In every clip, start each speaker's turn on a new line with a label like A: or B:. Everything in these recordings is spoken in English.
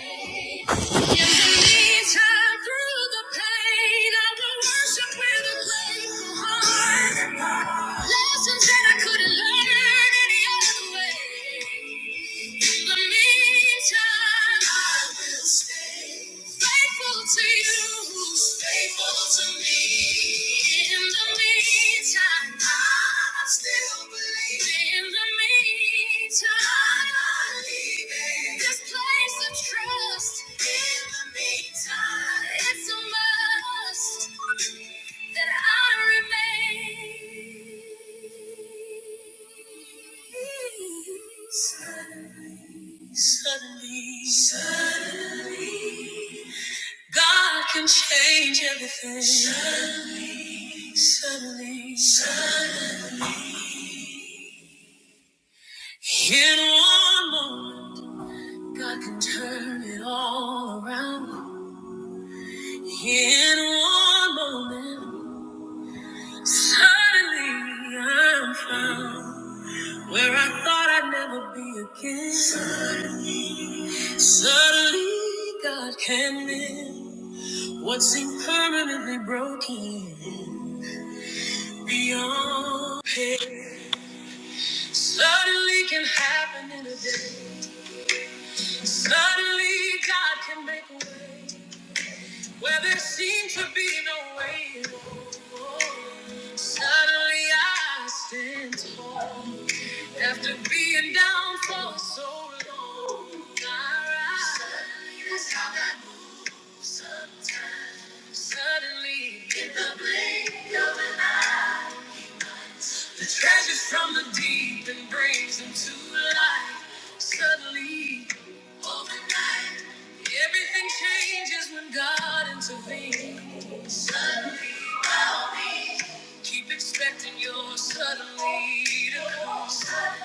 A: Through the pain, I will worship with a grateful heart. Lessons that I couldn't learn any other way. In the meantime, I will stay faithful to you, faithful to me. In the meantime, I still believe. In the meantime, I'm not leaving this place of trust. In the meantime, it's a must that I remain. Suddenly, suddenly, suddenly, God can change everything. Suddenly, suddenly, suddenly, in one moment, God can turn it all around. In one moment, suddenly I'm found. Where I thought I'd never be again. Suddenly, God came in. What seemed permanently broken beyond pain. Suddenly can happen in a day. Suddenly, God can make a way where there seemed to be no way. Suddenly, I stand tall after being down for so long. I rise. Suddenly that's how God Sometimes, suddenly, in the blink, of- the treasures from the deep and brings them to light. Suddenly, overnight, everything changes when God intervenes. Suddenly, I'll be. Keep expecting your suddenly to come. Sudden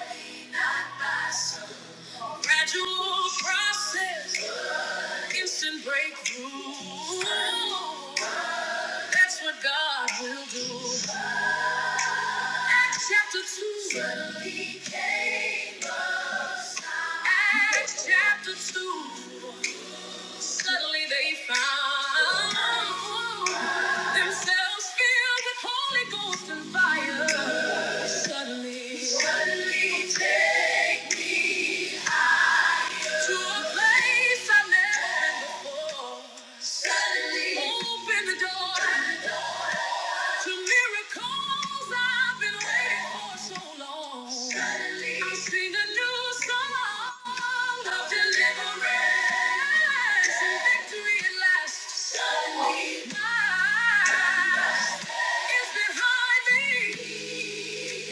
A: by sudden. Gradual process, instant breakthrough. That's what God will do. Chapter 2. Acts chapter 2. Suddenly they found themselves filled with Holy Ghost and fire. Suddenly, suddenly take me to a place I have never been before. Suddenly, open the door. to miracles I've been waiting for so long. Suddenly, I sing a new song of deliverance and victory at last. Suddenly, my is behind me,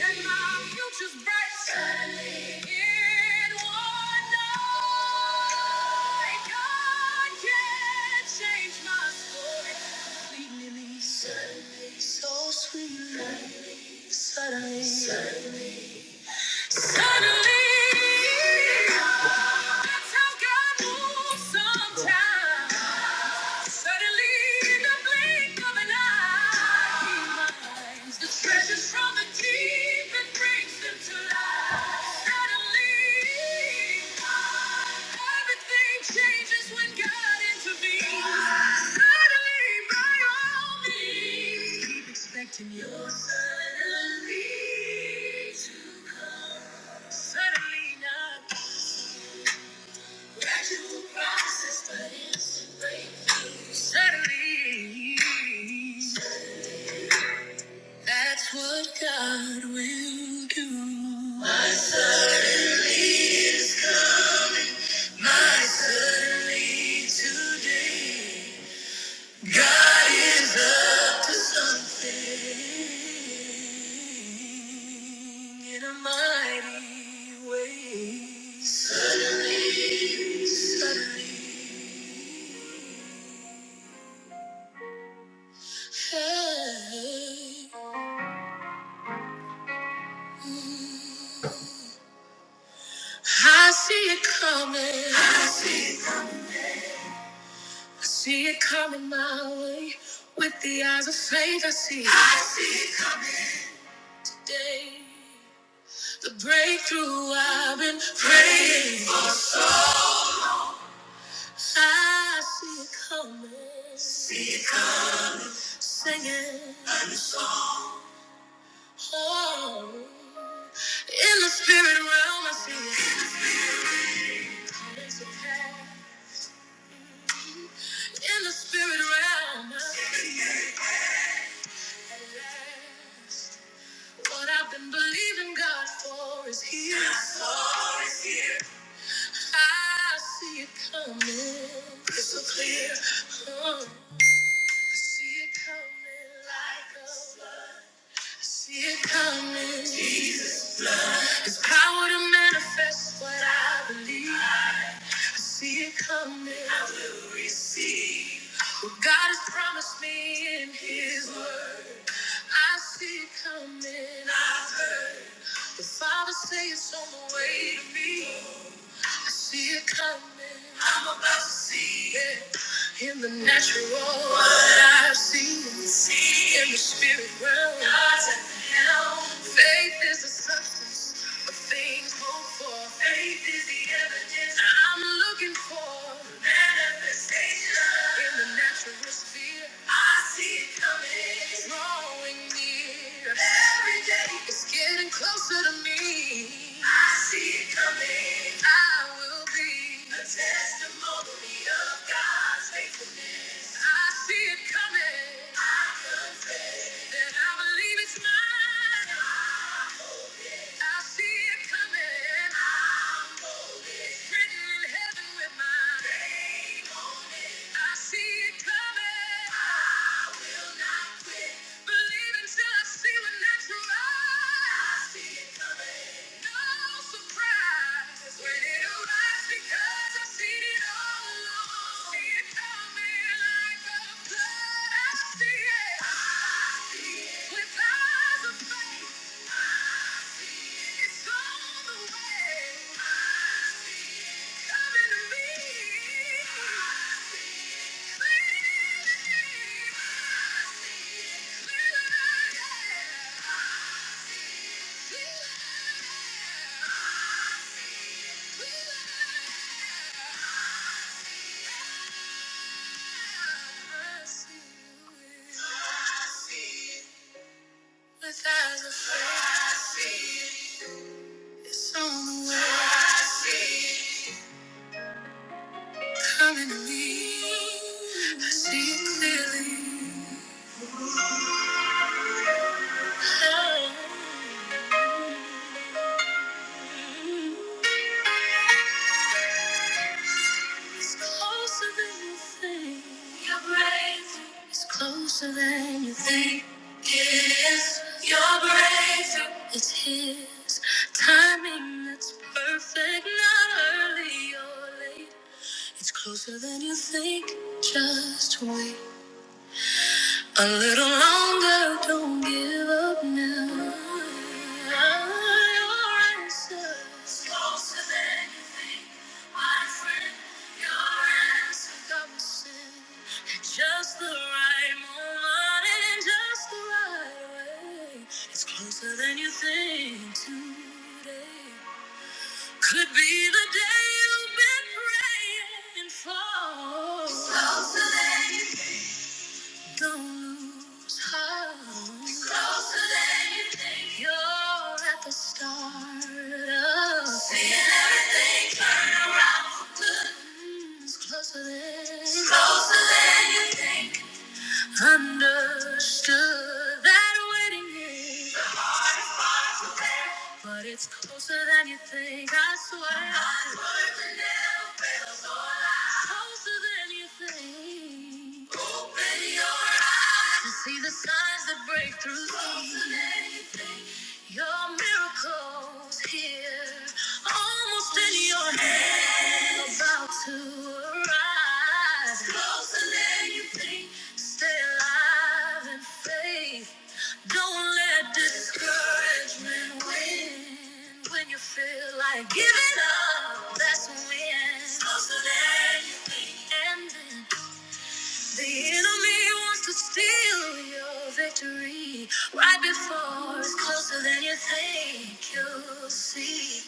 A: and my future's bright. Suddenly, In one night, God can change my story completely. Suddenly, so sweetly, suddenly, suddenly. Suddenly. That's how God moves sometimes. Suddenly, in the blink of an eye, the treasures from the deep that brings them to life. Suddenly, everything changes when God intervenes. Suddenly, by all means, keep expecting your suddenly to come. Suddenly, not gradual process, but instant break. Suddenly, that's what God will do. My suddenly is coming. My suddenly today. God is up to something in a mighty way. Suddenly, suddenly. Hey. I see it coming. I see it, I see it coming my way. With the eyes of faith, I see it. I see it coming today. The breakthrough I've been praying. for. I see it coming. Singing. Oh. In the spirit realm, I see it. coming to pass. In the spirit realm, I see it. What I've been believing God for is here. God for is here. I see it coming. Crystal clear. Uh, I see it coming like a flood. I see it coming. Jesus. It's power to manifest what I believe see it coming. I will receive what God has promised me in His Word. I see it coming. I've heard the Father say it's on the way to me to see it coming. I'm about to see it in the natural. What I see, see in the spirit realm. God's at the helm. Faith is the substance of things hoped for. Faith is the evidence I'm looking for. Manifestation in the natural sphere. I see it coming. Every day it's getting closer to me. I see it coming. I will be a testimony of God's faithfulness. I see it coming. I know it. I believe it's mine. I see it coming. I'm with eyes of faith. It's on the way. Coming to me. Clearly. Clearly. Clearly. Clearly. It's on the way. Coming to me, I see it clearly. It's closer than you think. Your breakthrough is closer than you think. Yes, your breakthrough. It's His timing that's perfect, not early or late. It's closer than you think. Just wait. A little longer, don't give up now. Your answer's closer than you think, my friend. Your answer comes soon. At just the right moment and in just the right way. It's closer than you think today. Could be the day you've been praying for. It's closer don't lose heart. It's closer than you think. You're at the start of things. Closer than closer than you understood that waiting is. But it's closer than you think. I swear. Closer than you think. To see the signs that break through. Closer than Your miracle's here, almost in your hand, about to arise. Closer than you think. Stay alive in faith. Don't let discouragement win. When you feel like giving up, that's when. Closer than you think. And then the enemy wants to steal your victory right before it's closer than you think you'll see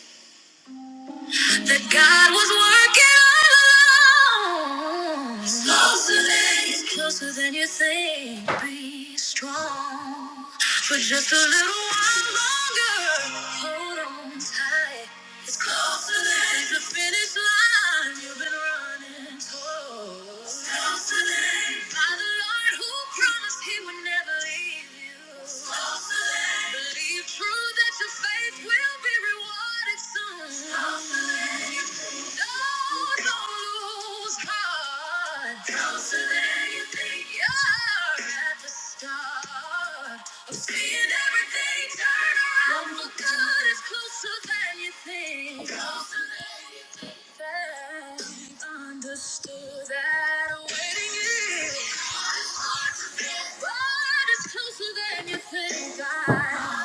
A: that God was working all along. He's closer than you He's closer than you think. Be strong for just a little while longer. Hold on tight. It's closer than the finish line you've been running towards. It's closer than by the Lord who promised. He Closer than you think. You're at the start of seeing everything turn around for good. It's closer than you think. Closer than understood that waiting is. God is closer than you think. God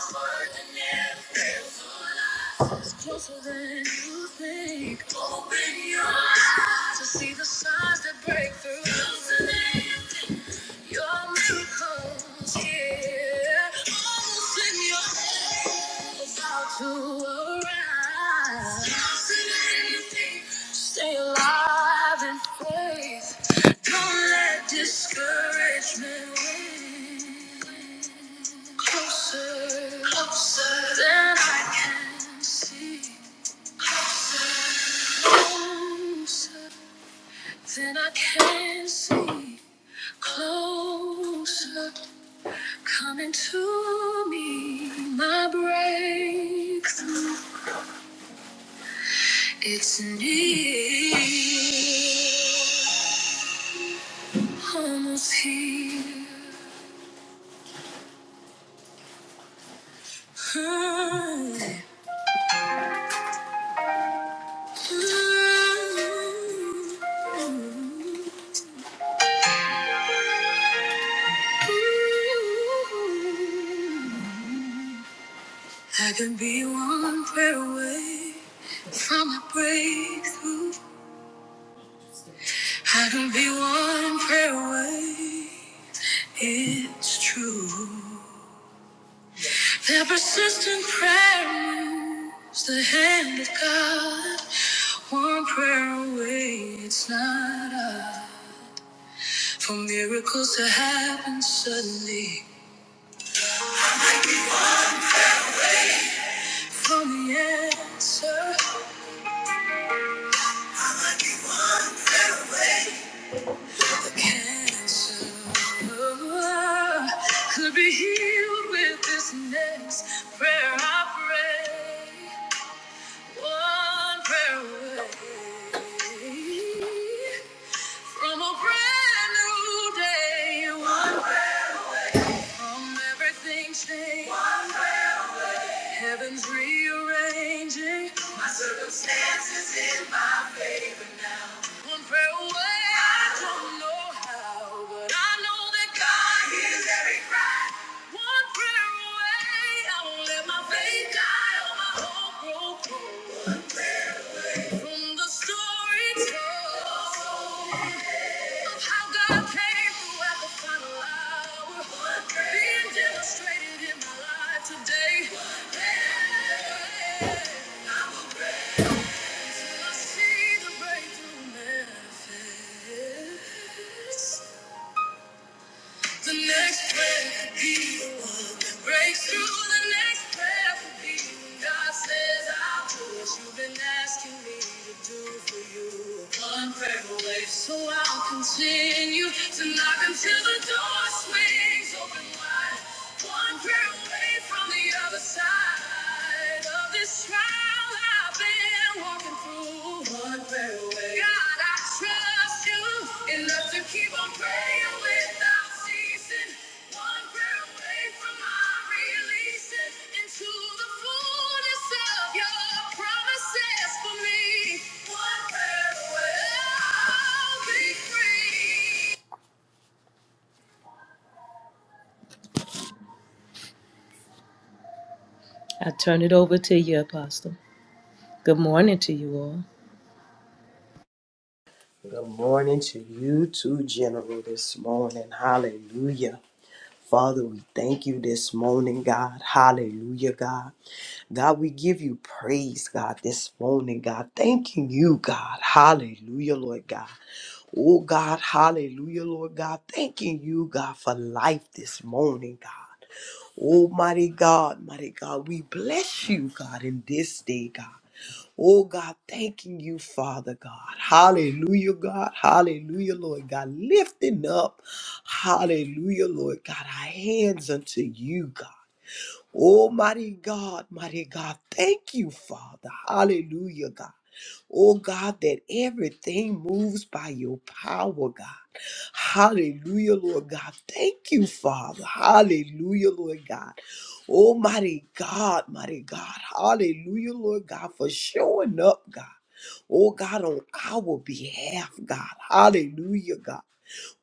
A: is closer than you think. Open your eyes to see the signs that break through. Closer than you think. Your miracles, yeah, almost in your hand, about to arrive. Closer than you think. Stay alive in faith. Don't let discouragement win. Closer, closer than I can see. Closer than I can see. Closer, coming to me. My breakthrough, it's near. Almost here. I can be one prayer away from a breakthrough. I can be one prayer away. It's true. That persistent prayer moves the hand of God. One prayer away. It's not us. For miracles to happen suddenly. For the answer, the cancer could be healed with this next prayer I pray. One prayer away from a brand new day. One from everything changed. Heaven's rearranging. One prayer away. I don't know how, but I know that God hears. one prayer away. I won't let my faith die or my hope grow cold. From the story told of how God came through at the final hour, being demonstrated in my life today. Yeah. I will praise Him. I see the breakthrough manifest. The next prayer could be the one that breaks through. The next prayer could be when God says, I'll do what you've been asking me to do for you. One prayer away, so I'll continue to knock until the door swings open wide. One prayer away from the other side of this trial. I turn it over to you, Apostle. Good morning to you all.
B: Good morning to you too, General, this morning. Hallelujah. Father, we thank you this morning, God. Hallelujah, God. God, we give you praise, God, this morning, God. Thanking you, God. Hallelujah, Lord God. Oh, God. Hallelujah, Lord God. Thanking you, God, for life this morning, God. Oh, mighty God, mighty God, we bless you, God, in this day, God. Oh, God, thanking you, Father God. Hallelujah, God. Hallelujah, Lord God. Lifting up, hallelujah, Lord God, our hands unto you, God. Oh, mighty God, mighty God, thank you, Father. Hallelujah, God. Oh, God, that everything moves by your power, God. Hallelujah, Lord God. Thank you, Father. Hallelujah, Lord God. Oh, mighty God, mighty God. Hallelujah, Lord God, for showing up, God. Oh, God, on our behalf, God. Hallelujah, God.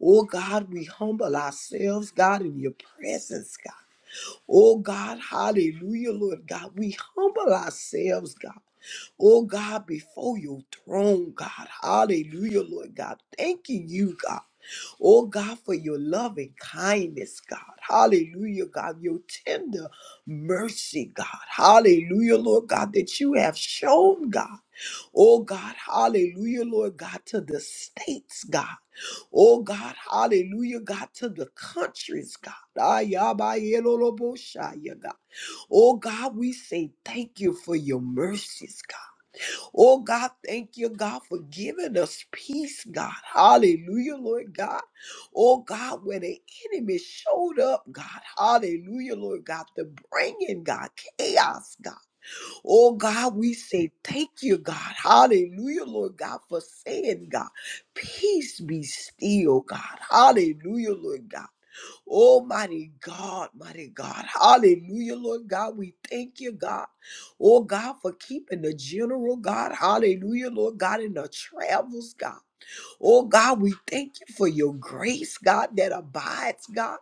B: Oh, God, we humble ourselves, God, in your presence, God. Oh God, hallelujah, Lord God. We humble ourselves, God. Oh God, before your throne, God. Hallelujah, Lord God. Thanking you, God. Oh God, for your love and kindness, God. Hallelujah, God. Your tender mercy, God. Hallelujah, Lord God, that you have shown, God. Oh God, hallelujah, Lord God, to the states, God. Oh God, hallelujah, God, to the countries, God. Ayabayeloloboshaya, God. Oh God, we say thank you for your mercies, God. Oh God, thank you, God, for giving us peace, God. Hallelujah, Lord God. Oh God, where the enemy showed up, God. Hallelujah, Lord God, to bring in, God, chaos, God. Oh God, we say thank you, God. Hallelujah, Lord God, for saying, God, peace be still, God. Hallelujah, Lord God. Oh, mighty God, mighty God. Hallelujah, Lord God. We thank you, God. Oh, God, for keeping the general, God. Hallelujah, Lord God, in the travels, God. Oh, God, we thank you for your grace, God, that abides, God.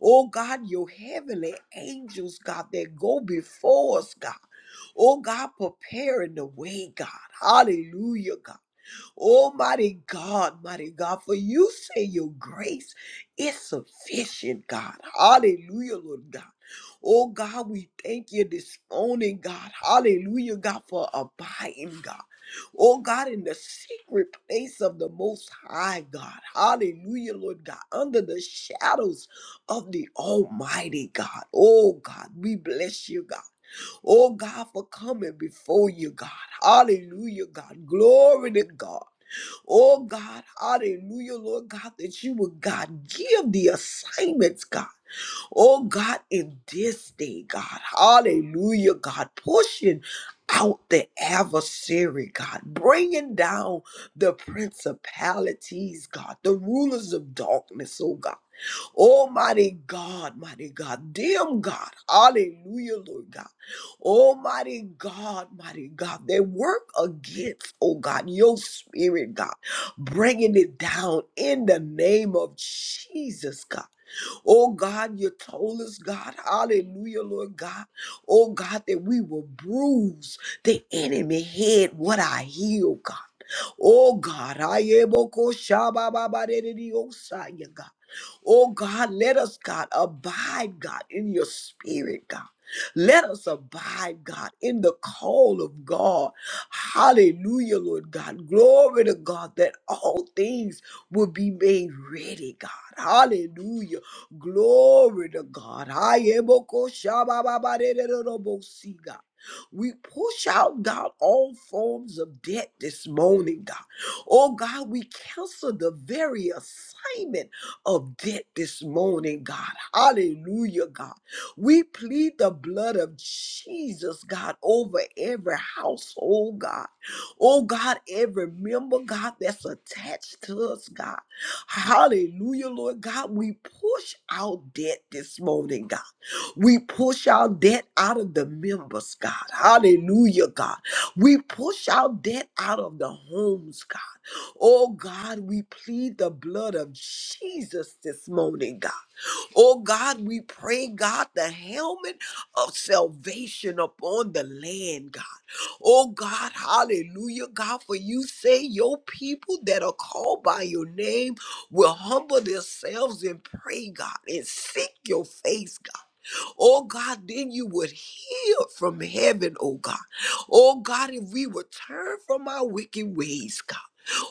B: Oh, God, your heavenly angels, God, that go before us, God. Oh, God, preparing the way, God. Hallelujah, God. Oh, mighty God, mighty God, for you say your grace is sufficient, God. Hallelujah, Lord God. Oh, God, we thank you this morning, God. Hallelujah, God, for abiding, God. Oh, God, in the secret place of the Most High, God. Hallelujah, Lord God. Under the shadows of the Almighty, God. Oh, God, we bless you, God. Oh, God, for coming before you, God. Hallelujah, God. Glory to God. Oh God, hallelujah, Lord God, that you would, God, give the assignments, God. Oh God, in this day, God, hallelujah, God, pushing out the adversary, God, bringing down the principalities, God, the rulers of darkness, oh God. Oh, mighty God, mighty God, damn God, hallelujah, Lord God. Oh, mighty God, mighty God, they work against, oh God, your spirit, God, bringing it down in the name of Jesus, God. Oh, God, you told us, God, hallelujah, Lord God, oh God, that we will bruise the enemy head, what I heal, God. Oh God, I able shaba baba ba de de de oh yeah, God. Oh God, let us, God, abide, God, in your spirit, God. Let us abide, God, in the call of God. Hallelujah, Lord God. Glory to God that all things will be made ready, God. Hallelujah. Glory to God. I am a kosha ba ba ba de de de de bo si, God. We push out, God, all forms of debt this morning, God. Oh, God, we cancel the very assignment of debt this morning, God. Hallelujah, God. We plead the blood of Jesus, God, over every household, God. Oh, God, every member, God, that's attached to us, God. Hallelujah, Lord God. We push out debt this morning, God. We push out debt out of the members, God. Hallelujah, God. We push out debt out of the homes, God. Oh, God, we plead the blood of Jesus this morning, God. Oh, God, we pray, God, the helmet of salvation upon the land, God. Oh, God, hallelujah, God. For you say your people that are called by your name will humble themselves and pray, God, and seek your face, God. Oh God, then you would hear from heaven, oh God. Oh God, if we would turn from our wicked ways, God.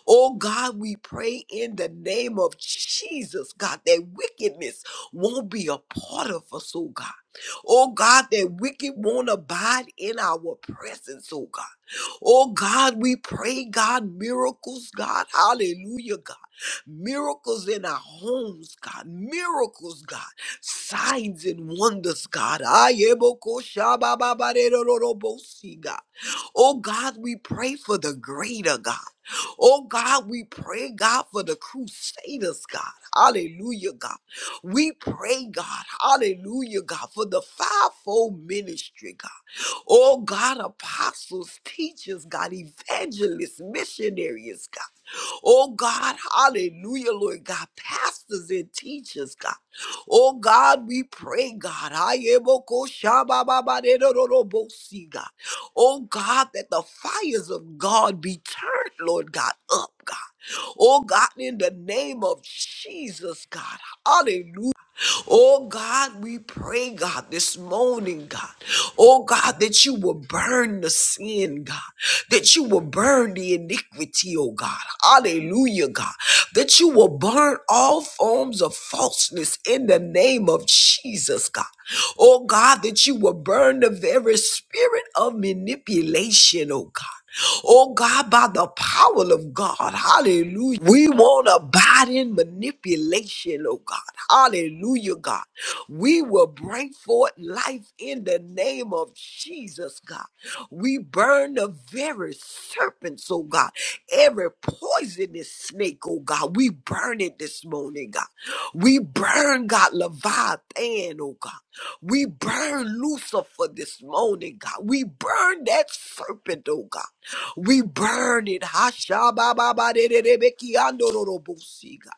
B: Oh God, we pray in the name of Jesus, God, that wickedness won't be a part of us, oh God. Oh God, that wicked won't abide in our presence, oh God. Oh God, we pray, God, miracles, God, hallelujah, God. Miracles in our homes, God. Miracles, God. Signs and wonders, God. Ayeboko shabababarerorobosi, God. Oh God, we pray for the greater, God. Oh God, we pray, God, for the crusaders, God. Hallelujah, God. We pray, God. Hallelujah, God, for the fivefold ministry, God. Oh God, apostles, teachers, God, evangelists, missionaries, God. Oh God, hallelujah, Lord God. Pastors and teachers, God. Oh God, we pray, God. Ayebokoshabababaderororobosi, God. Oh God, that the fires of God be turned, Lord God, up, God. Oh God, in the name of Jesus, God. Hallelujah. Oh God, we pray, God, this morning, God. Oh God, that you will burn the sin, God. That you will burn the iniquity, oh God. Hallelujah, God. That you will burn all forms of falseness in the name of Jesus, God. Oh God, that you will burn the very spirit of manipulation, oh God. Oh God, by the power of God, hallelujah. We won't abide in manipulation, oh God, hallelujah, God. We will bring forth life in the name of Jesus, God. We burn the very serpents, oh God, every poisonous snake, oh God. We burn it this morning, God. We burn, God, Leviathan, oh God. We burn Lucifer this morning, God. We burn that serpent, oh God. We burn it. Hasha ba ba ba Hashabababadedebeki andororobosi, God.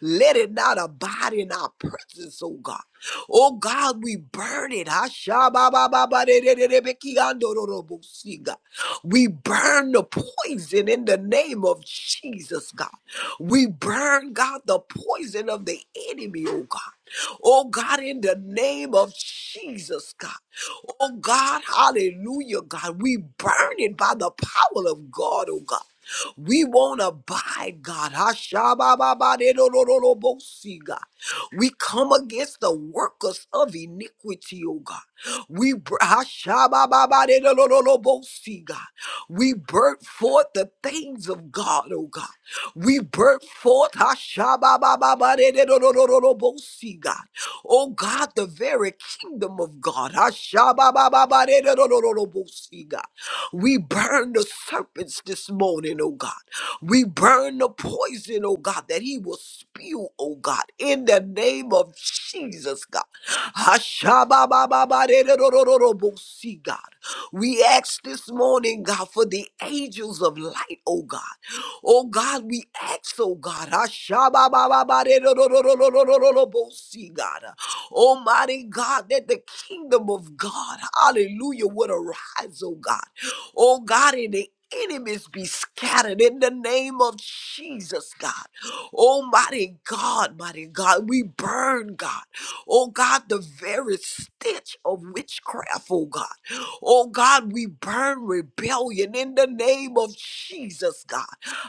B: Let it not abide in our presence, oh God. Oh God, we burn it. Hashababababadedebeki andororobosi, God. We burn the poison in the name of Jesus, God. We burn, God, the poison of the enemy, oh God. Oh God, in the name of Jesus, God. Oh God, hallelujah, God. We burn it by the power of God, oh God. We won't abide, God. Ashabababadedododobosi, God. We come against the workers of iniquity, oh God. We br- Ashabababadedododobosi, God. We birth forth the things of God, oh God. We birth forth Ashababababadedododobosi, God. Oh God, the very kingdom of God. Ashababababadedododobosi, God. We burn the serpents this morning, oh God. We burn the poison, oh God, that he will spew, oh God, in the name of Jesus, God. Ashababababaredorororobosi, God. We ask this morning, God, for the angels of light, oh God. Oh God, we ask, oh God. Ashababababaredororororobosi, God. Almighty God, that the kingdom of God, hallelujah, would arise, oh God. Oh God, and the enemies be scattered in the name of Jesus, God. Almighty God, mighty God, we burn, God. Oh God, the very stench of witchcraft, oh God. Oh God, we burn rebellion in the name of Jesus, God.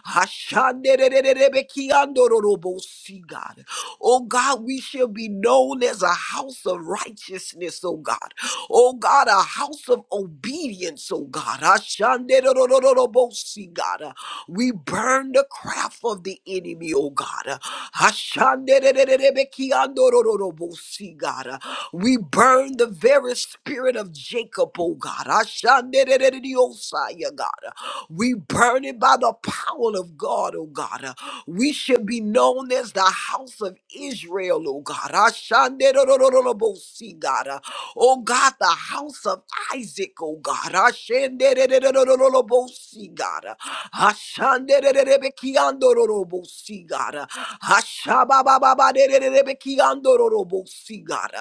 B: Ashanderererebekiandororobosi, God. Oh God, we shall be known as a house of righteousness, oh God. Oh God, a house of obedience, oh God. Ashanderorororobosi, God. Uh, We burn the craft of the enemy, oh God. Uh, Ashanderererebekiandorororobosi, God. Uh, We burn the very spirit of Jacob, oh God. Ashanderererediosaya, God. Uh, We burn it by the power of God, oh God. Uh, We should be known as the house of Israel, oh God. Ashanderorororobosi, God. Ah, Oh God, the house of Isaac, oh God. Ashenderererererorobosi, God. Ashanderererebekiandororobosi, God. Ashababababarererebekiandororobosi, God.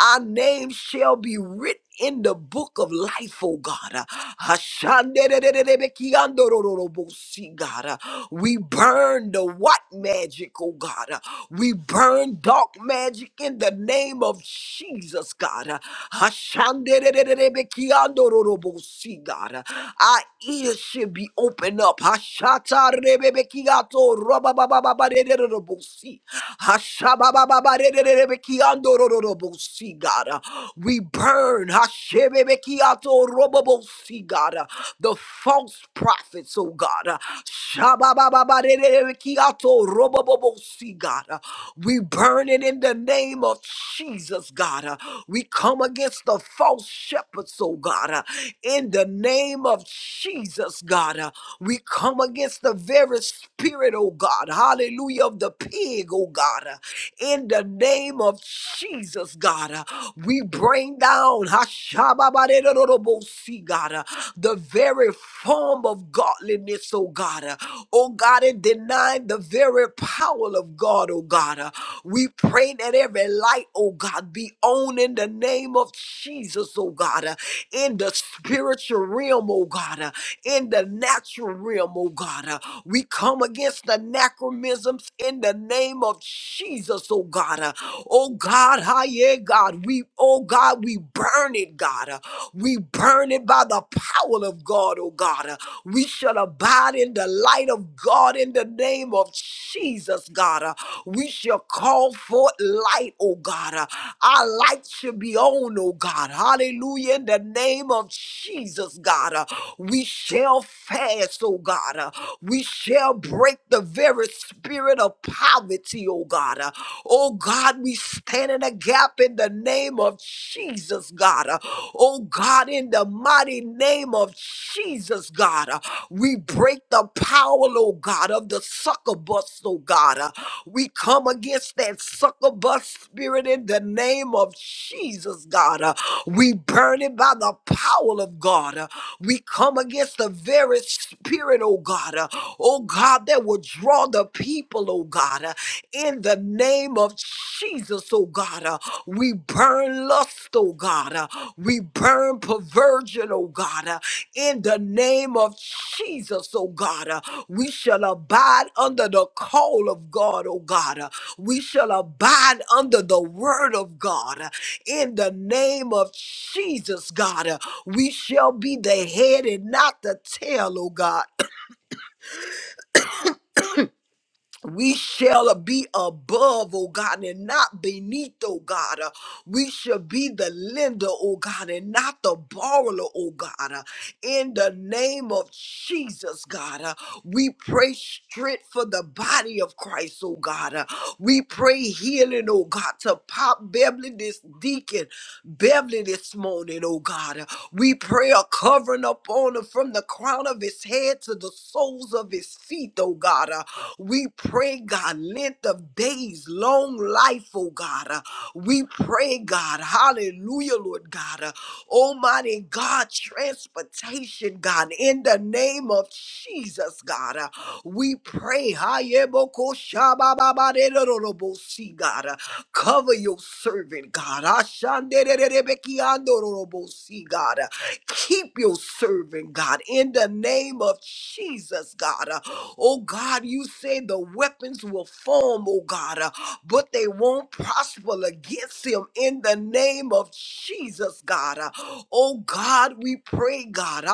B: Our name shall be written in the book of life, oh God. Uh, Ashandererererebekiandorororobosi, God. Uh, We burn the what magic, oh God. Uh, We burn dark magic in the name of Jesus, God. Uh, Ashandererererebekiandorororobosi, God. Uh, Our ears should be opened up. Hashatarebebekiato, Hashabababababarererorobosi. Hashabababababarererebekiandorororobosi, God. We burn Hashebebekiatorobobosi, God. the false prophets, oh God. Shababababarererebekiatorobobosi, God. We burn it in the name of Jesus, God. We come against the false shepherds, oh God. In the name of Jesus, God. We come against the very spirit, oh God, hallelujah, of the pig, oh God, uh, in the name of Jesus, God. uh, We bring down, Hashababadedodobosi, God, uh, the very form of godliness, oh God. uh, Oh God, and denying the very power of God, oh God. uh, We pray that every light, oh God, be on in the name of Jesus, oh God, uh, in the spiritual realm, oh God in the natural realm, oh God. Uh, we come against anachronisms in the name of Jesus, oh God. Uh, oh God, hi, yeah, God. We, oh God, we burn it, God. Uh, we burn it by the power of God, oh God. Uh, we shall abide in the light of God in the name of Jesus, God. Uh, we shall call forth light, oh God. Uh, Our light should be on, oh God. Hallelujah. In the name of Jesus, God. Uh, We shall fast, oh God. Uh, We shall break the very spirit of poverty, oh God. Uh, Oh God, we stand in a gap in the name of Jesus, God. Uh, Oh God, in the mighty name of Jesus, God. Uh, We break the power, oh God, of the succubus, oh God. Uh, we come against that sucker bus spirit in the name of Jesus, God. Uh, we burn it by the power of God. Uh, we come against the very spirit, oh God, uh, oh God, that will draw the people, oh God, uh, in the name of Jesus, oh God. Uh, we burn lust, oh God. Uh, we burn perversion, oh God. Uh, in the name of Jesus, oh God. Uh, We shall abide under the call of God, oh God. Uh, We shall abide under the word of God Uh, in the name of Jesus, God. uh, We shall be the head and not the tail, oh God. we shall be above, oh God, and not beneath, oh God. Uh, We shall be the lender, oh God, and not the borrower, oh God. Uh, In the name of Jesus, God, uh, we pray strength for the body of Christ, oh God. Uh, We pray healing, oh God, to Pop Beverly, this deacon, Beverly this morning, oh God. Uh, We pray a covering upon him from the crown of his head to the soles of his feet, oh God. Uh, we pray, God, length of days, long life, oh God. Uh, we pray, God, hallelujah, Lord God. Uh, Almighty God, transportation, God, in the name of Jesus, God. Uh, we pray, Hayebokoshabababaderorobosi, God. Uh, cover your servant, God. God. Keep your servant, God, in the name of Jesus, God. Oh, God, you say the weapons will form, oh, God, but they won't prosper against him in the name of Jesus, God. Oh, God, we pray, God.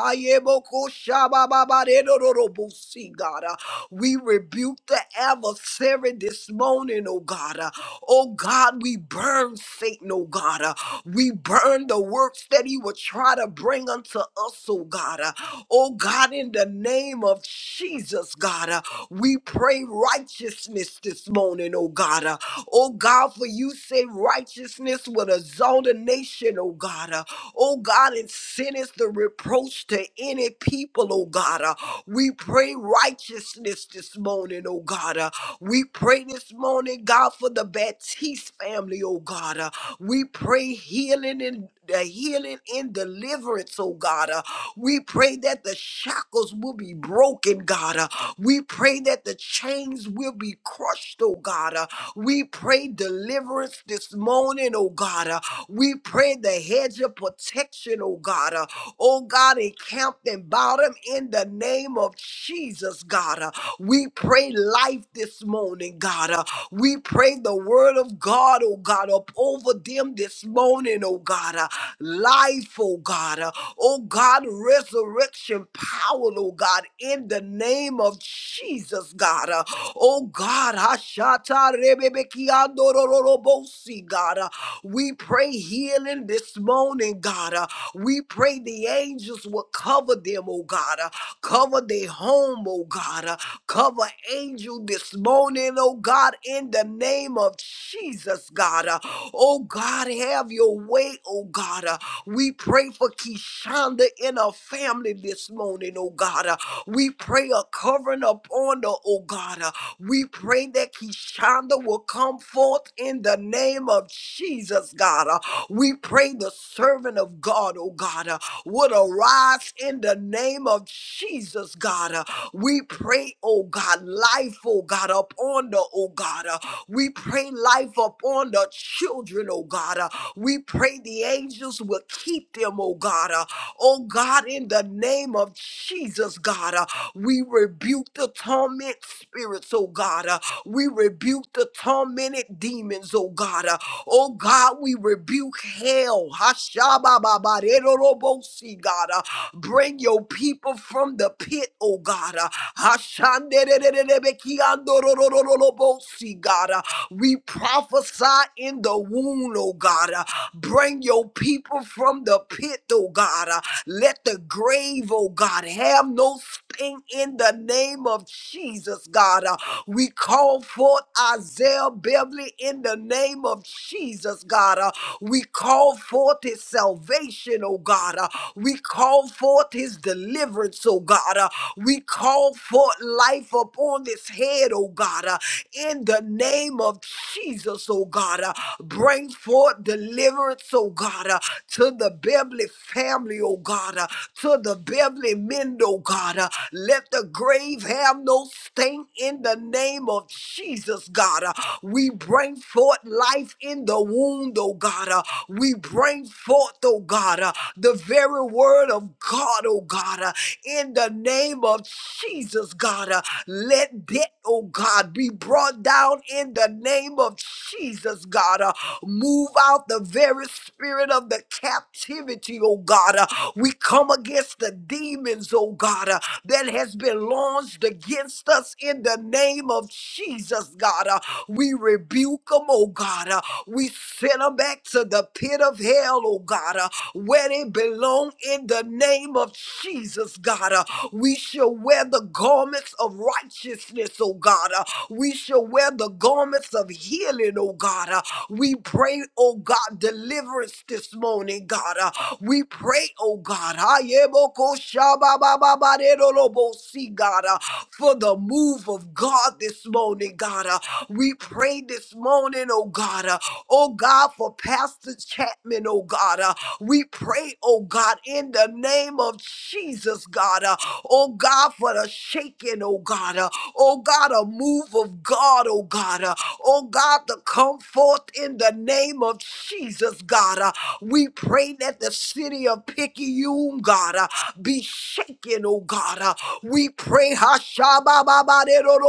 B: See, God. We rebuke the adversary this morning, oh, God. Oh God, we burn Satan, oh God. We burn the works that he would try to bring unto us, oh God. Uh, Oh God, in the name of Jesus, God, uh, we pray righteousness this morning, oh God. Uh, Oh God, for you say righteousness will exalt a nation, oh God. Uh, Oh God, and sin is the reproach to any people, oh God. Uh, We pray righteousness this morning, oh God. Uh, We pray this morning, God, for the Baptiste family, oh God. Uh, we pray healing and the healing and deliverance, oh God. Uh, we pray that the shackles will be broken, God. Uh, we pray that the chains will be crushed, oh God. Uh, we pray deliverance this morning, oh God. Uh, we pray the hedge of protection, oh God. Uh, oh God, encamped and bottom in the name of Jesus, God. Uh, we pray life this morning, God. Uh, we pray the word of God, oh God, up over them this morning, oh God. Uh, life, oh God. Uh, oh God, resurrection power, oh God, in the name of Jesus, God. Uh, oh God, Hashata Rebebekiandorororobosi, God. Uh, we pray healing this morning, God. Uh, we pray the angels will cover them, oh God. Uh, cover their home, oh God. Uh, Cover angel this morning, oh God, in the name of Jesus, God. Uh, oh God, have your way, oh God. Uh, we pray for Keshonda and her family this morning, oh God. Uh, we pray a covering upon her, oh God. Uh, we pray that Keshonda will come forth in the name of Jesus, God. Uh, we pray the servant of God, oh God, uh, would arise in the name of Jesus, God. Uh, we pray, oh God, life, oh God, upon the, oh God. uh, we pray life upon the children, oh God. uh, we pray the angels will keep them, oh God. uh, oh God, in the name of Jesus, God, uh, we rebuke the torment spirits, oh God. uh, we rebuke the tormented demons, oh God. uh, oh God, we rebuke hell. Hashabababarerorobosi, God. uh, bring your people from the pit, oh God. uh, Ashanderererebekiandororororobosi, God. Uh, We prophesy in the womb, oh God. Uh, Bring your people from the pit, oh God. Uh, Let the grave, oh God, have no sting in the name of Jesus, God. Uh, We call forth Isaiah Beverly in the name of Jesus, God. Uh, We call forth his salvation, oh God. Uh, We call forth his deliverance deliverance, oh God. Uh, we call forth life upon this head, oh God. Uh, in the name of Jesus, oh God. Uh, bring forth deliverance, oh God, uh, to the Beverly family, oh God, uh, to the Beverly men, oh God. uh, let the grave have no stain in the name of Jesus, God. uh, we bring forth life in the wound, oh God. uh, we bring forth, oh God, uh, the very word of God, oh God, uh, in the name of Jesus, God. uh, let debt, oh God, be brought down in the name of Jesus, God. uh, move out the very spirit of the captivity, oh God. uh, we come against the demons, oh God, uh, that has been launched against us in the name of Jesus, God. uh, we rebuke them, oh God. uh, we send them back to the pit of of hell, oh God, uh, where they belong in the name of Jesus, God. uh, we shall wear the garments of righteousness, oh God. uh, we shall wear the garments of healing, oh God. uh, we pray, oh God, deliverance this morning, God. uh, we pray, oh God, ayeboko shababababadedolobosi, God, uh, for the move of God this morning, God. uh, we pray this morning, oh God. uh, Oh God, for Pastor Chapman, oh God. Uh, we pray, oh God, in the name of Jesus, God. Uh, oh God, for the shaking, oh God. Uh, oh God, a move of God, oh God. Uh, oh God, to come forth in the name of Jesus, God. Uh, we pray that the city of Picayune, God, uh, be shaken, oh God. Uh, we pray, Hashabababadero,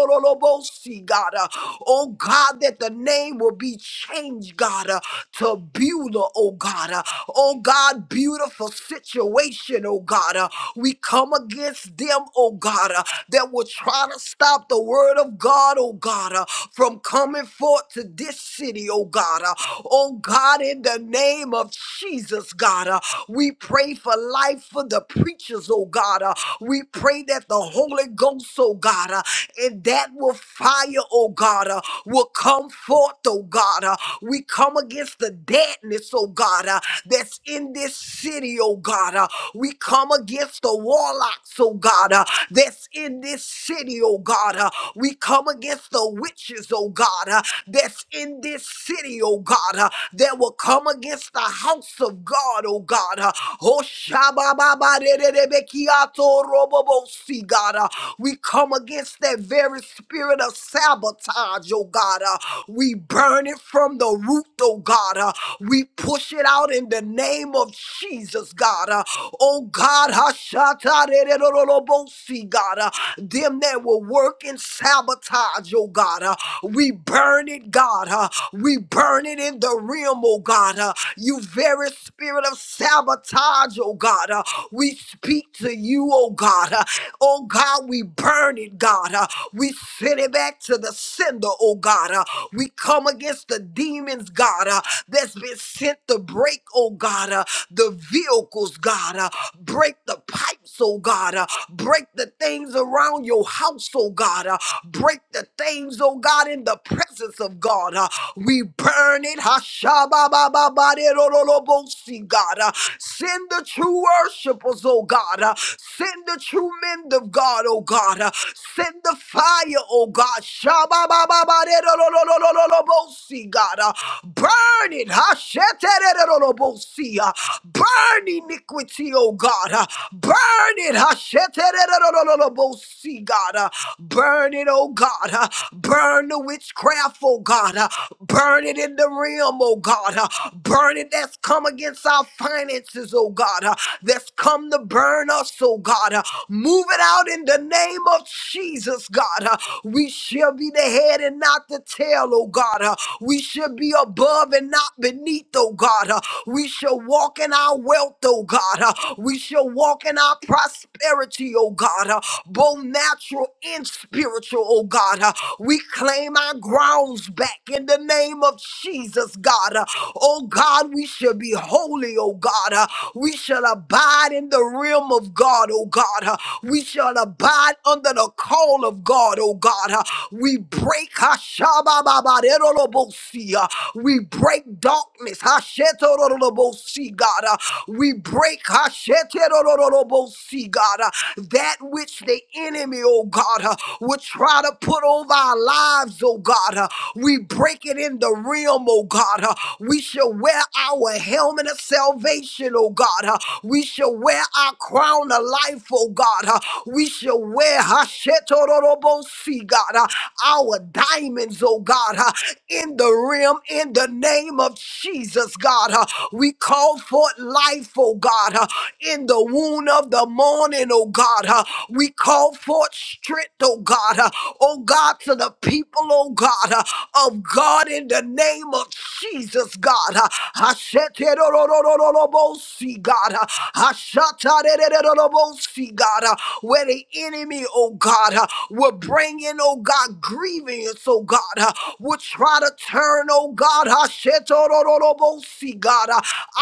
B: God. Uh, Oh God. God, that the name will be changed, God, uh, to Beulah, oh God. Uh, oh God, beautiful situation, oh God. Uh, we come against them, oh God, uh, that will try to stop the word of God, oh God, uh, from coming forth to this city, oh God. Uh, oh God, in the name of Jesus, God, uh, we pray for life for the preachers, oh God. Uh, we pray that the Holy Ghost, oh God, uh, in that that will fire, oh God, uh, will come forth, oh God. uh. we come against the deadness, oh God, uh, that's in this city, oh God. uh. we come against the warlocks, oh God, uh, that's in this city, oh God. uh. we come against the witches, oh God, uh, that's in this city, oh God, uh, that will come against the house of God, oh God. uh. Oh, shabba, ba, ba, de, de, be, ki, ah, to, bo, bo, God. uh, we come against that very spirit of sabotage, oh God. Uh, we burn it from the root, oh God. Uh, we push it out in the name of Jesus, God. Uh, oh God, Hashatarererorobosi, God. Uh, them that will work in sabotage, oh God. Uh, we burn it, God. Uh, we burn it in the realm, oh God. Uh, you very spirit of sabotage, oh God. Uh, we speak to you, oh God. Uh, Oh God, we burn it, God. Uh, we send it back to the sender, oh God. Uh, we come against the demons, God, uh, that's been sent to break, oh God, uh, the vehicles, God. Uh, break the pipes, oh God. Uh, break the things around your house, oh God. Uh, break the things, oh God, in the presence of God. Uh, we burn it. Hashababababaderololobosi, God. Uh, Send the true worshipers, oh God. Uh, Send the true men of God, oh God. Uh, Send the fire, oh God. Shababababaderololololobosi, God. Uh, Burn it. Hashetererololobosi, uh, Burn iniquity, oh God. Uh, Burn it. Hashetererololobosi, God. Uh, Burn it, oh God. Uh, Burn the witchcraft, oh God. Uh, Burn it in the realm, oh God. Uh, Burn it that's come against our finances, oh God. Uh, That's come to burn us, oh God. Uh, Move it out in the name of Jesus, God. Uh, We shall be the head and not the tail, oh God. Uh, We shall be above and not beneath, oh God. Uh, We shall walk in our wealth, oh God. Uh, We shall walk in our prosperity, oh God. Uh, Both natural natural and spiritual, oh God. Uh, We claim our grounds back in the name of Jesus, God. Uh, Oh God, we shall be holy, oh God. Uh, We shall abide in the realm of God, oh God. Uh, We shall abide under the call of God, oh God. Uh, We break Hashabababaderolobosi, uh, we break darkness, Hashetorolobosi, God. Uh, We break Hashetorolobosi, God. Uh, that which the enemy, oh God, uh, would try to put over our lives, oh God. uh, we break it in the realm, oh God. uh, we shall wear our helmet of salvation, oh God. uh, we shall wear our crown of life, oh God. uh, we shall wear Hashetororobosi, God, uh, our diamonds, oh God, uh, in the realm, in the name of Jesus, God. uh, we call forth life, oh God, uh, in the wound of the morning morning, oh God. Uh, we call forth strength, oh God. Uh, oh God, to the people, oh God, uh, of God in the name of Jesus, God. Uh, Hasheterorororobosi, God. Uh, Hashatarererorobosi, God. Uh, where the enemy, oh God, uh, will bring in, oh God, grievance, oh God, uh, will try to turn, oh God, Hashetorororobosi, God, uh,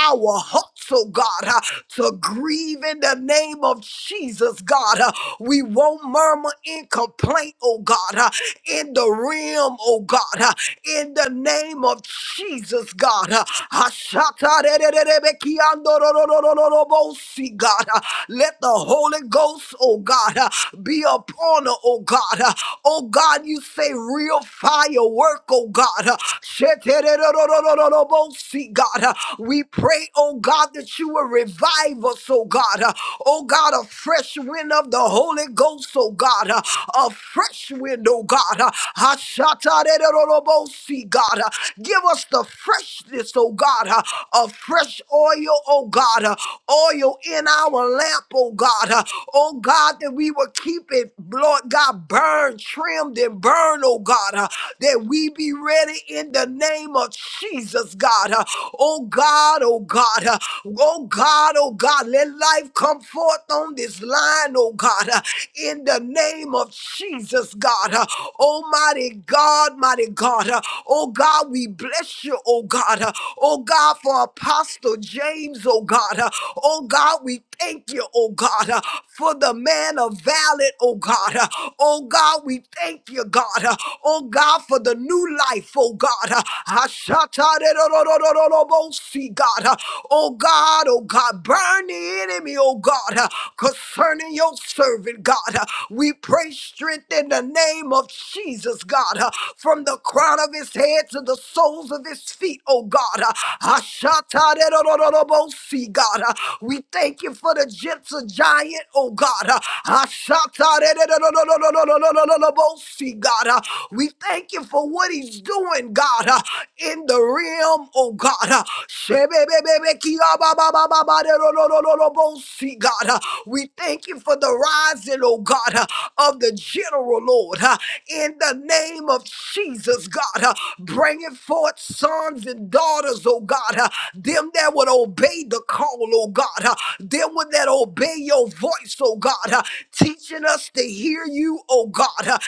B: our hearts, oh God, uh, to grieve in the name name of Jesus, God. Uh, We won't murmur in complaint, oh God, uh, in the realm, oh God, uh, in the name of Jesus, God. Uh, Ashatarererebekiandororororobosi, God. Uh, Let the Holy Ghost, oh God, uh, be upon her, oh God. Uh, Oh God, you say real firework, oh God. Uh, Shetererorororobosi, God. Uh, We pray, oh God, that you will revive us, oh God. God. Uh, Oh God, a fresh wind of the Holy Ghost, oh God. Uh, A fresh wind, oh God. Uh, Hashatarerorobosi, God. Uh, Give us the freshness, oh God. Uh, A fresh oil, oh God. Uh, Oil in our lamp, oh God. Uh, Oh God, that we will keep it, Lord God, burned, trimmed, and burned, oh God. Uh, That we be ready in the name of Jesus, God. Uh, Oh God, oh God. Uh, Oh God, oh God. God. Let life come forth on this line, oh God, uh, in the name of Jesus, God. Uh, Almighty God, mighty God. Uh, Oh God, we bless you, oh God. Uh, Oh God, for Apostle James, oh God. Uh, Oh God, we thank you, oh God, uh, for the man of valor, oh God. Uh, Oh God, we thank you, God. Uh, Oh God, for the new life, oh God. Uh, Ashataderororororobosi, God. Uh, Oh God, oh God. God. Burn the enemy, oh God, uh, concerning your servant, God. Uh, We pray strength in the name of Jesus, God, uh, from the crown of his head to the soles of his feet, oh God. Uh, Ashataderororobosi, God. Uh, We thank you for the gentle giant, oh God. Uh, Ashataderorororobosi, God. Uh, We thank you for what he's doing, God, uh, in the realm, oh God. Uh, Ba ba ba ba ba. Lord Lord Lord Lord. We see God. We thank you for the rising, O God, of the general Lord. In the name of Jesus, God, bringing forth sons and daughters, O God, them that would obey the call, O God, them would that obey your voice, O God, teaching us to hear you, O God.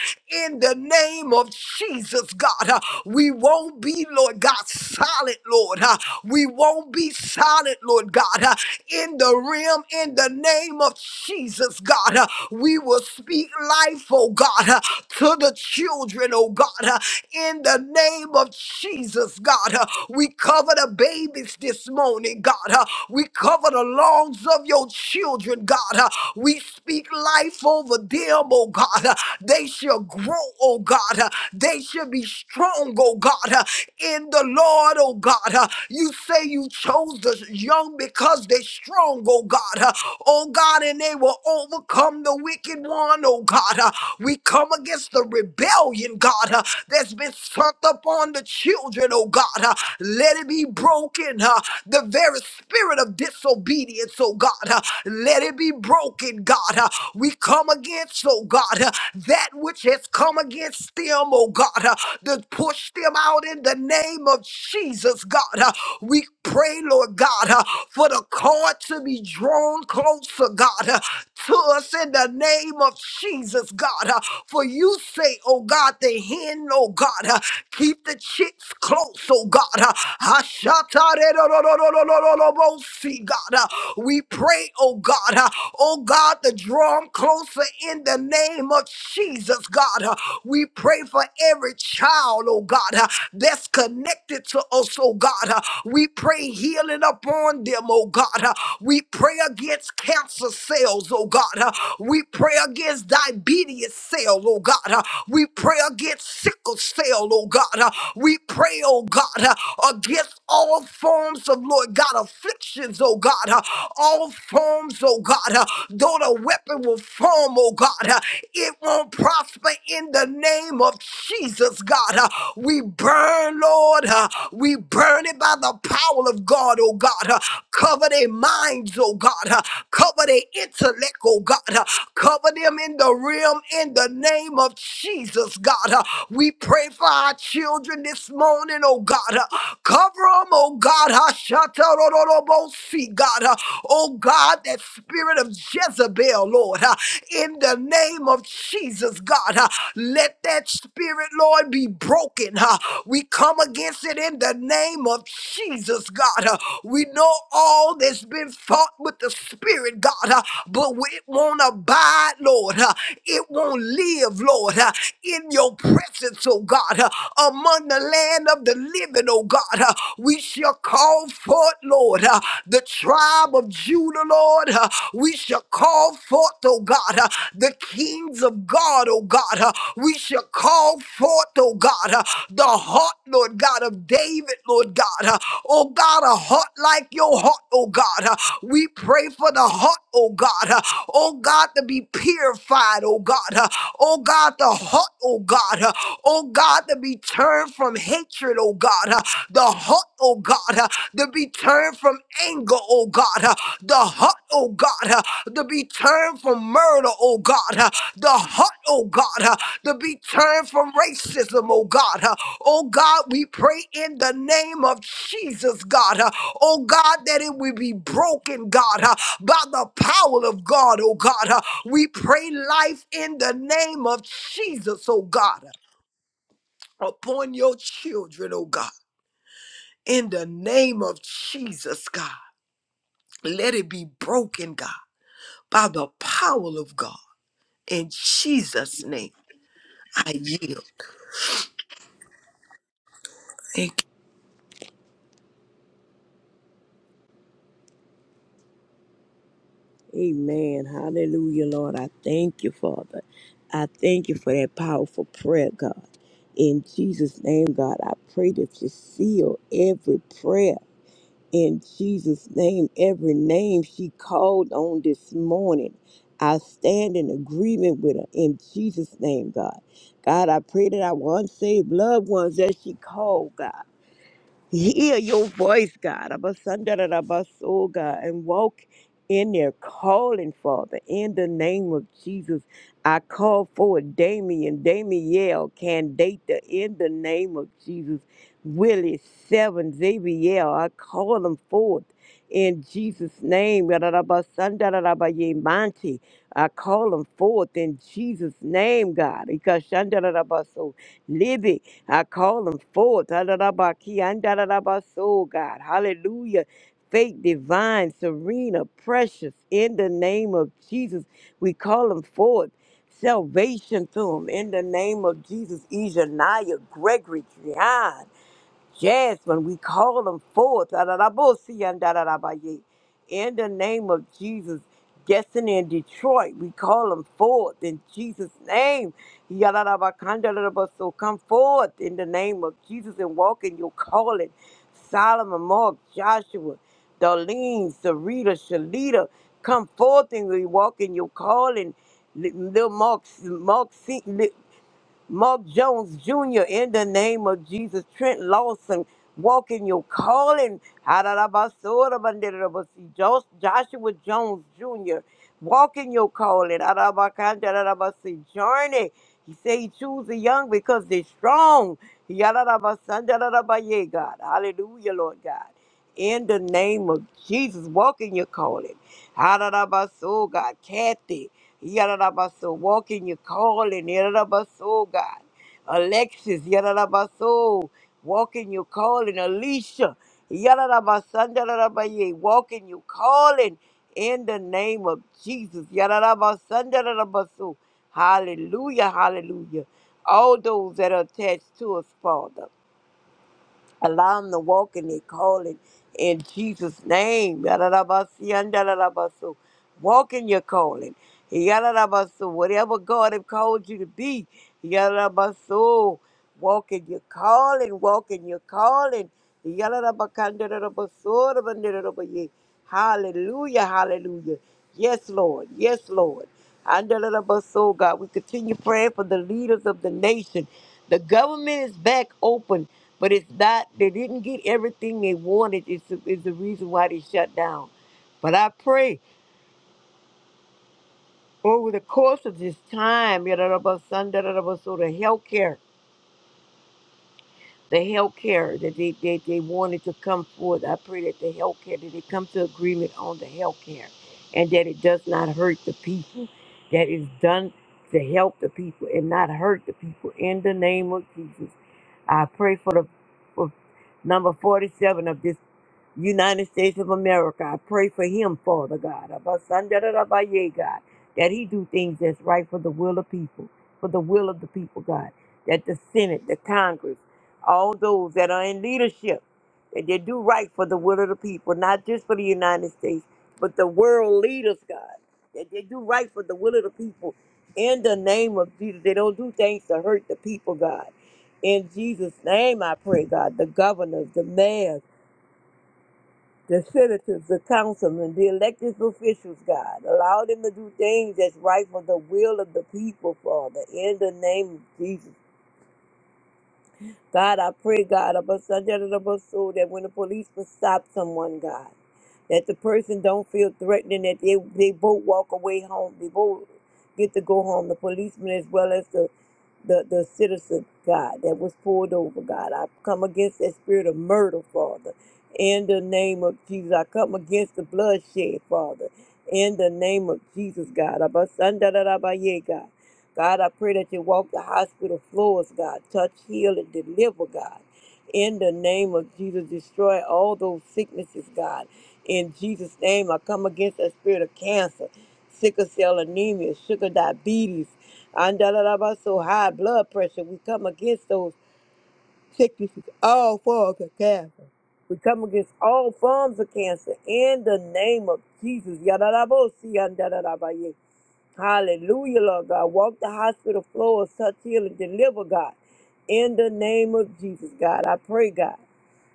B: In the name of Jesus, God, we won't be, Lord God, silent, Lord. We won't be solid, Lord God, uh, in the realm, in the name of Jesus, God. uh, We will speak life, oh God, uh, to the children, oh God, uh, in the name of Jesus, God. uh, We cover the babies this morning, God. uh, We cover the lungs of your children, God. uh, We speak life over them, oh God. uh, They shall grow, oh God. uh, They shall be strong, oh God, uh, in the Lord, oh God. uh, You say you you chose the young because they strong, oh God. Uh, Oh God, and they will overcome the wicked one, oh God. Uh, We come against the rebellion, God, uh, that's been sunk upon the children, oh God. Uh, Let it be broken. uh, The very spirit of disobedience, oh God. Uh, Let it be broken, God. Uh, We come against, oh God, uh, that which has come against them, oh God, uh, to push them out in the name of Jesus, God. Uh, we pray, Lord God, uh, for the cord to be drawn closer, God, uh, to us in the name of Jesus, God. uh, For you say, oh God, the hen, oh God, uh, keep the chicks close, oh God. uh, Ashatarerodorodorodorodorobosi, God, uh, we pray, oh God, uh, oh God, to draw 'em closer in the name of Jesus, God. uh, We pray for every child, oh God, uh, that's connected to us, oh God. God. Uh, We pray healing upon them, oh God. Uh, We pray against cancer cells, oh God. Uh, We pray against diabetes cell, oh God. Uh, We pray against sickle cell, oh God. Uh, We pray, oh God, uh, against all forms of, Lord God, afflictions, oh God. Uh, All forms, oh God. Uh, Though the weapon will form, oh God, uh, it won't prosper in the name of Jesus, God. Uh, We burn, Lord. uh, we burn it by the power of God, oh God. Uh, Cover their minds, oh God. Uh, Cover their intellect, oh God. Uh, Cover them in the realm in the name of Jesus, God. Uh, We pray for our children this morning, oh God. Uh, Cover them, oh God. Hashatarororobosi, God. Uh, Oh God, that spirit of Jezebel, Lord. uh, In the name of Jesus, God. uh, Let that spirit, Lord, be broken. uh, We come against against it in the name of Jesus, God. Uh, We know all that's been fought with the Spirit, God, uh, but it won't abide, Lord. Uh, It won't live, Lord, uh, in your presence, oh God, uh, among the land of the living, oh God. Uh, We shall call forth, Lord, uh, the tribe of Judah, Lord. Uh, We shall call forth, oh God, uh, the kings of God, oh God. Uh, We shall call forth, oh God, uh, the heart heart, Lord God, of David, Lord God. Uh, Oh God, a heart like your heart, oh God. Uh, We pray for the heart, oh God. Uh, Oh God, to be purified, oh God. Uh, Oh God, the heart, oh God. Uh, Oh God, to be turned from hatred, oh God. Uh, The heart, oh God, uh, to be turned from anger, oh God. Uh, The heart, oh God, uh, to be turned from murder, oh God. Uh, The heart, oh God, uh, to be turned from racism, oh God. Oh God, we pray in the name of Jesus, God. uh, Oh God, that it will be broken, God, uh, by the power of God, oh God. uh, We pray life in the name of Jesus, oh God, uh, upon your children, oh God. In the name of Jesus, God. Let it be broken, God, by the power of God. In Jesus' name, I yield.
C: Amen. Hallelujah, Lord. I thank you, Father. I thank you for that powerful prayer, God. In Jesus' name, God, I pray that you seal every prayer. In Jesus' name, every name she called on this morning. I stand in agreement with her in Jesus' name, God. God, I pray that our unsaved loved ones that she called, God. hear your voice, God, Abasandarabaso, God, and walk in their calling, Father. In the name of Jesus, I call forward Damien, Damiel, Candata, in the name of Jesus. Willie, Seven, Xavier, I call them forth in Jesus' name. Yarabasandarabayemanti, I call them forth in Jesus' name, God. Ikashandarabaso, Livy. I call them forth. Ha-da-da-ba-ki, an-da-da-da-ba-so, God. Hallelujah. Faith, divine, serena, precious. In the name of Jesus, we call them forth. Salvation to them. In the name of Jesus, Ejaniah, Gregory, Drian. Yes, when we call them forth, da-da-da-bo-si and da-da-da-ba-ye. in the name of Jesus, destiny in Detroit, we call them forth in Jesus' name. Ya-da-da-ba-kan-da-da-da-ba-so. Come forth in the name of Jesus and walk in your calling. Solomon, Mark, Joshua, Darlene, Sarita, Shalita, come forth and we walk in your calling. Li- Little Mark, Mark, Mark Jones Jr. in the name of Jesus. Trent Lawson, walk in your calling. Hararabasorabanderabashi. Jos- Joshua Jones Jr., walk in your calling. Harabakandarabashi. Journey. He said he choose the young because they're strong. Yararabasandarabaye, God. Hallelujah, Lord God. In the name of Jesus, walk in your calling. Hararabaso, God. Kathy. Yarabaso, walk in your calling, Yarabaso, God. Alexis, Yarabaso, walk in your calling. Alicia, Yarabasandarabaye, walk in your calling in the name of Jesus. Yarabasandarabaso. Hallelujah, hallelujah. All those that are attached to us, Father. Allow them to walk in their calling in Jesus' name. Yadadabasi and dadadabasu. Walk in your calling. Yadadabasu. Whatever God has called you to be. Yadadabasu. Walk in your calling. Walk in your calling. Yadadabakandadadabasorabandadadabaye. Hallelujah. Hallelujah. Yes, Lord. Yes, Lord. Andalabaso, God. We continue praying for the leaders of the nation. The government is back open, but it's not, they didn't get everything they wanted, is the, is the reason why they shut down. But I pray over the course of this time, Yadalabasan, Dadalabaso, the healthcare. the healthcare that they, they, they wanted to come forth. I pray that the healthcare that they come to agreement on the healthcare and that it does not hurt the people, that is done to help the people and not hurt the people in the name of Jesus. I pray for the for number 47 of this. United States of America. I pray for him, Father God. Abasandarabaye, God, that he do things that's right for the will of people, for the will of the people, God. That the Senate, the Congress, all those that are in leadership, that they do right for the will of the people, not just for the United States, but the world leaders, God. That they do right for the will of the people. In the name of Jesus, they don't do things to hurt the people, God. In Jesus' name, I pray, God, the governors, the mayors the senators, the councilmen, the elected officials, God. Allow them to do things that's right for the will of the people, Father, in the name of Jesus. God, I pray, God, about soul that when the police will stop someone, God, that the person don't feel threatened, that they, they both walk away home. They both get to go home, the policeman as well as the the, the citizen, God, that was pulled over, God. I come against that spirit of murder, Father. In the name of Jesus, I come against the bloodshed, Father. In the name of Jesus, God. Abasandarabaye, God. God, I pray that you walk the hospital floors, God. Touch, heal, and deliver, God. In the name of Jesus, destroy all those sicknesses, God. In Jesus' name, I come against that spirit of cancer, sickle cell anemia, sugar diabetes, and da da da ba, so high blood pressure. We come against those sickness is all forms of cancer. We come against all forms of cancer in the name of Jesus. Yadadabosi, yandadadabaye. Hallelujah, Lord God. Walk the hospital floor, touch, heal, and deliver, God. In the name of Jesus, God. I pray, God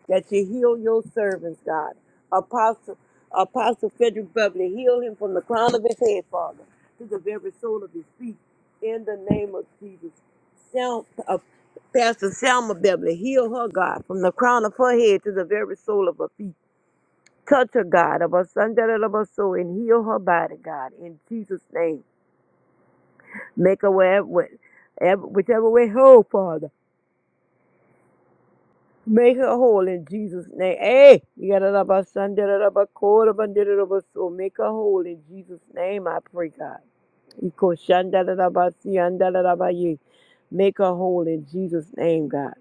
C: that you heal your servants, God. Apostle, Apostle Frederick Beverly, heal him from the crown of his head, Father, to the very sole of his feet, in the name of Jesus. Sal, uh, Pastor Selma Beverly, heal her, God, from the crown of her head to the very sole of her feet. Touch her, God, of her son, that of her soul, and heal her body, God, in Jesus' name. Make her wherever, whichever way whole, Father. Make her whole in Jesus' name. Hey, you got it up our son, da da da ba ko da ba da da da our soul. Make her whole in Jesus' name. I pray, God. Iko shan da da da ba si an da da ba ye. Make her whole in Jesus' name, God.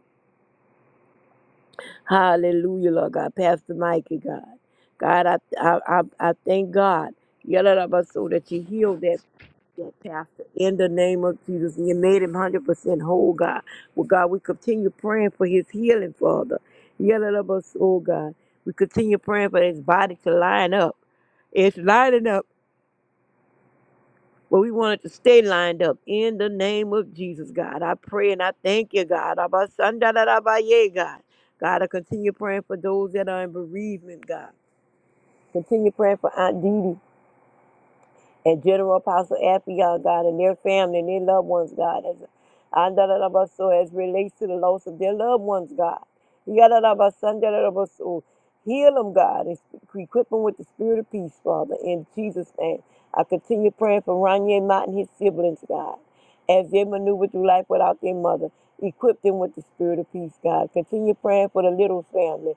C: Hallelujah, Lord God. Pastor Mikey, God. God, I, I, I, I thank God. Yalalabaso, that you healed that that pastor in the name of Jesus. And you made him 100% whole, God. Well, God, we continue praying for his healing, Father. Yelling of us, oh God. We continue praying for his body to line up. It's lining up. But we wanted to stay lined up in the name of Jesus, God. I pray and I thank you, God. Abba, Sanda, da, da, ba, yeah, God. God, I continue praying for those that are in bereavement, God. Continue praying for Aunt Didi and General Apostle Affion, God, and their family and their loved ones, God, as Andalabaso, as relates to the loss of their loved ones, God. Yadalabaso, Heal them, God, and equip them with the spirit of peace, Father, in Jesus' name. I continue praying for Ronye Mott and his siblings, God, as they maneuver through life without their mother. Equip them with the spirit of peace, God. Continue praying for the little family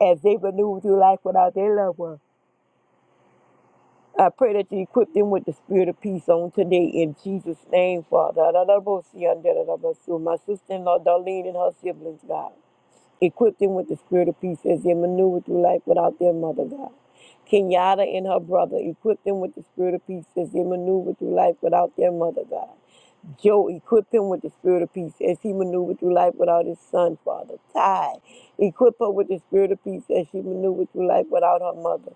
C: as they maneuver through life without their loved one. I pray that you equip them with the spirit of peace on today in Jesus' name, Father. My sister in law, Darlene, and her siblings, God. Equip them with the spirit of peace as they maneuver through life without their mother, God. Kenyatta and her brother, equip them with the spirit of peace as they maneuver through life without their mother, God. Joe, equip him with the spirit of peace as he maneuvered through life without his son, Father. Ty, equip her with the spirit of peace as she maneuvered through life without her mother.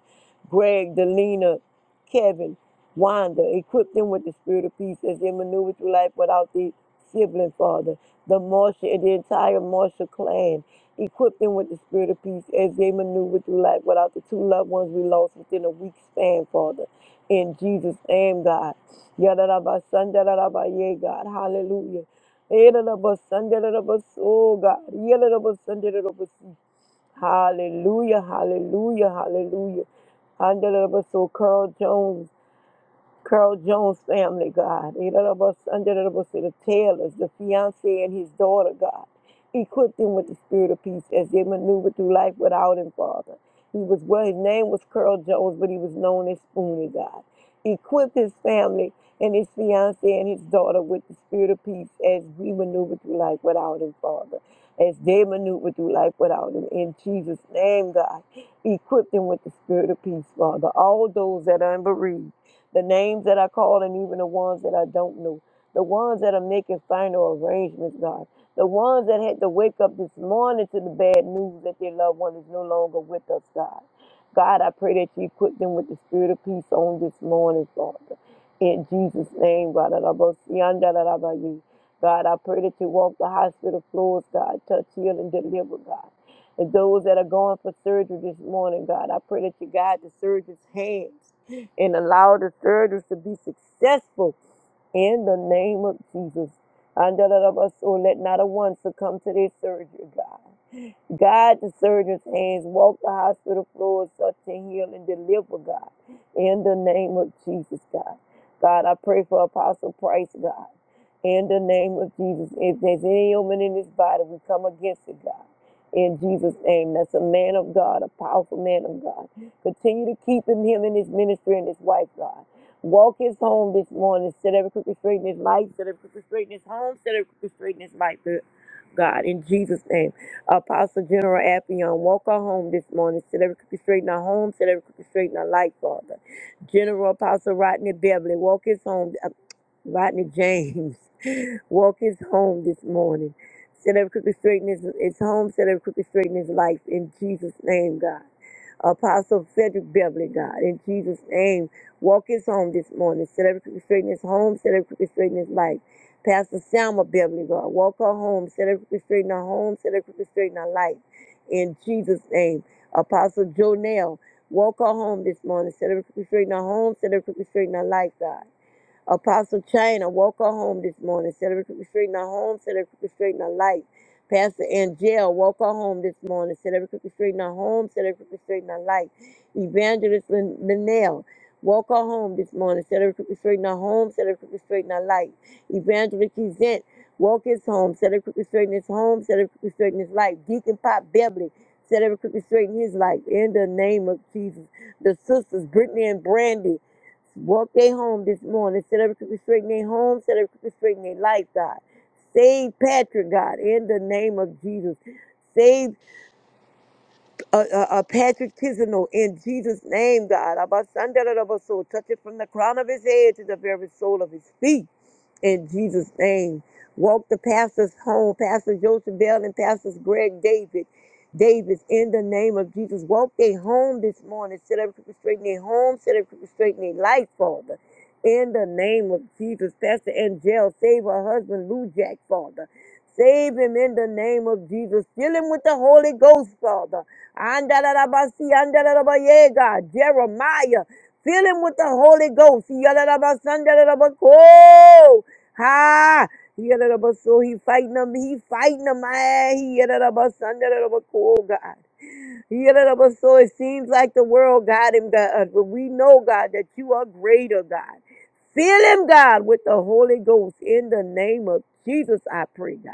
C: Greg, Delina, Kevin, Wanda, equip them with the spirit of peace as they maneuvered through life without the sibling, Father. The Marsha and the entire Marsha clan. Equip them with the spirit of peace as they maneuver through life without the two loved ones we lost within a week span, Father. In Jesus' name, God. Yadadabasandarabaya, God. Hallelujah. Yadadabasandarabas- Oh, God. Yadadabasandarabas- Hallelujah, hallelujah, hallelujah. Hallelujah. So, Carl Jones. Carl Jones family, God. Under the Taylors, the fiance and his daughter, God. Equip them with the spirit of peace as they maneuver through life without him, Father. He was well, his name was Carl Jones, but he was known as Spoonie, God. Equip his family and his fiance and his daughter with the spirit of peace as we maneuver through life without him, Father. As they maneuver through life without him. In Jesus' name, God. Equip them with the spirit of peace, Father. All those that are unbereaved the names that I call and even the ones that I don't know, the ones that are making final arrangements, God, the ones that had to wake up this morning to the bad news that their loved one is no longer with us, God. God, I pray that you equip them with the spirit of peace on this morning, Father. In Jesus' name, God. ra ra ra ba si an da ra God, I pray that you walk the hospital floors, God. Touch, heal, and deliver, God. And those that are going for surgery this morning, God, I pray that you guide the surgeon's hands and allow the surgeries to be successful in the name of Jesus. And let not a one succumb to their surgery, God. Guide the surgeon's hands, walk the hospital floors, touch and heal and deliver, God. In the name of Jesus, God. God, I pray for Apostle Price, God. In the name of Jesus. If there's any ailment in his body, we come against it, God. In Jesus' name. That's a man of God, a powerful man of God. Continue to keep him, him and his ministry and his wife, God. Walk his home this morning. Set every crooked straight in his life. Set every crooked straight in his home. Set every crooked straight in his life, God. In Jesus' name. Apostle General Appion, walk her home this morning. Set every crooked straight in her home. Set every crooked straight in her life, Father. General Apostle Rodney Beverly, walk his home. uh, Rodney James. Walk his home this morning. Set every crooked straighten his, his home, set every crooked straighten his life in Jesus' name, God. Apostle Frederick Beverly, God, in Jesus' name, walk his home this morning. Set every crooked straighten his home, set every crooked straighten his life. Pastor Selma Beverly, God, walk her home, set every crooked straighten her home, set every crooked straighten her life. In Jesus' name, Apostle Jonell, walk her home this morning. Set every crooked straighten her home, set every crooked straighten her life, God. Apostle China, woke her home this morning, celebrating restraining her home, celebrating restraining her life. Pastor Angel, woke her home this morning, celebrating restraining her home, celebrating restraining her life. Evangelist Lin- Linnell, woke her home this morning, celebrating restraining her home, celebrating restraining her life. Evangelist Kizent, woke his home, celebrating restraining his home, celebrating restraining his life. Deacon Pop Beverly, celebrating restraining his life. In the name of Jesus. The sisters, Brittany and Brandy, Walk they home this morning. Set every crooked straight in their home. Set every crooked straight in their life, God. Save Patrick, God, in the name of Jesus. Save uh, uh, uh, Patrick Tisano in Jesus' name, God. Abasandarabaso. Touch it from the crown of his head to the very sole of his feet in Jesus' name. Walk the pastors home, Pastor Joseph Bell and Pastors Greg David. Davis, in the name of Jesus, walk they home this morning. Set every crooked straight in their home. Set every crooked straight in their life, Father. In the name of Jesus, Pastor Angel, save her husband, Lou Jack, Father. Save him in the name of Jesus. Fill him with the Holy Ghost, Father. Andarabasi, andarabaye, Jeremiah, fill him with the Holy Ghost. Yadarabasandarabakoh. Ha! He yada da ba so he fighting them. He fighting them. Ah, He yada da ba son, yada da ba cool God. So it seems like the world got him, God, but we know, God, that you are greater, God. Fill him, God, with the Holy Ghost in the name of Jesus, I pray, God.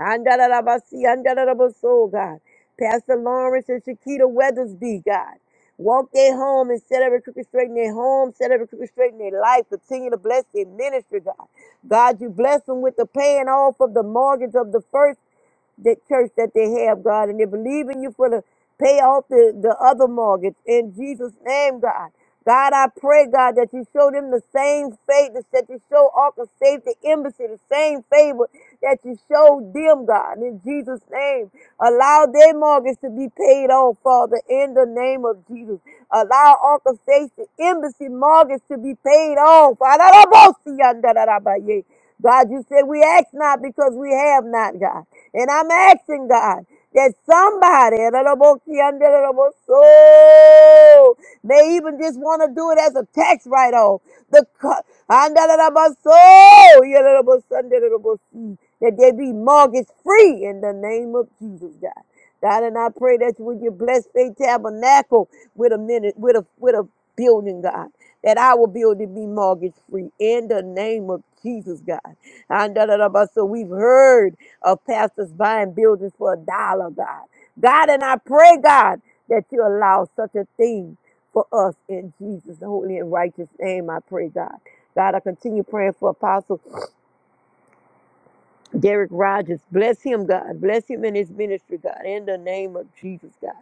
C: Andalabasi, andalabaso, God. Pastor Lawrence and Shakita Weathersby, God. Walk their home and set every crooked straight in their home, set every crooked straight in their life. Continue to bless their ministry, God. God, you bless them with the paying off of the mortgage of the first that church that they have, God, and they believe in you for the pay off the, the other mortgage in Jesus' name, God. God, I pray, God, that you show them the same faith that you show Ark of Safety Embassy, the same favor that you showed them, God, in Jesus' name. Allow their mortgage to be paid off, Father, in the name of Jesus. Allow Ark of Safety Embassy mortgage to be paid off. God, you said we ask not because we have not, God. And I'm asking God that somebody, so may even just want to do it as a tax write-off. The co- so that they be mortgage free in the name of Jesus, God. God, and I pray that you would you bless Faith Tabernacle with a minute, with a with a building, God, that our building be mortgage free in the name of Jesus, God. And da, da, da, ba, so we've heard of pastors buying buildings for a dollar, God. God, and I pray, God, that you allow such a thing for us in Jesus' holy and righteous name. I pray, God. God, I continue praying for Apostle. Derek Rogers, bless him, God. Bless him in his ministry, God, in the name of Jesus, God.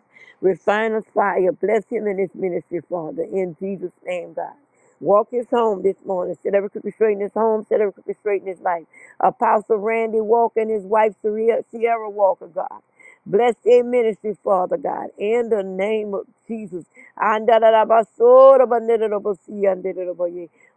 C: Refine us fire. Bless him in his ministry, Father, in Jesus' name, God. Walk his home this morning. Set every crooked straight in his home. Set every crooked straight in his life. Apostle Randy Walker and his wife, Sierra Sierra Walker, God. Bless their ministry, Father God, in the name of Jesus. Andalabasora,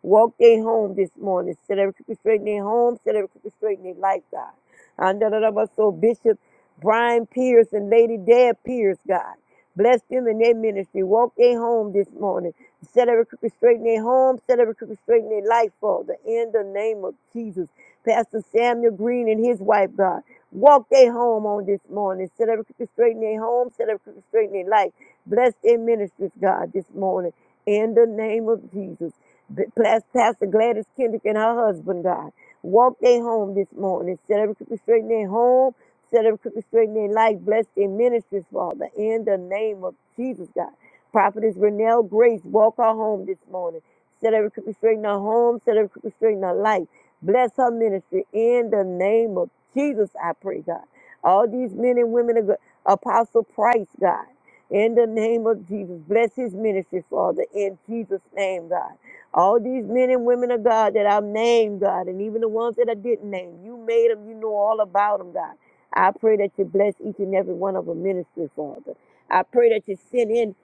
C: Walk their home this morning. Set every crooked straight in their home. Set every crooked straight in their life, God. And da- da- da- da- So Bishop Brian Pierce and Lady Deb Pierce, God. Bless them in their ministry. Walk their home this morning. Set every crooked straight in their home. Set every crooked straight in their life, Father. In the name of Jesus. Pastor Samuel Green and his wife, God. Walk their home on this morning. Set every crooked straight in their home. Set every crooked straight in their life. Bless their ministries, God, this morning. In the name of Jesus. B- Pastor Gladys Kendrick and her husband, God, walk their home this morning. Set every crooked straight in their home. Set every crooked straight in their life. Bless their ministries, Father, in the name of Jesus, God. Prophetess Renelle Grace, walk her home this morning. Set every crooked straight in her home. Set every crooked straight in her life. Bless her ministry in the name of Jesus, I pray, God. All these men and women of God, Apostle Price, God, in the name of Jesus, bless his ministry, Father, in Jesus' name, God. All these men and women of God that I've named, God, and even the ones that I didn't name, you made them, you know all about them, God. I pray that you bless each and every one of them ministry, Father. I pray that you send in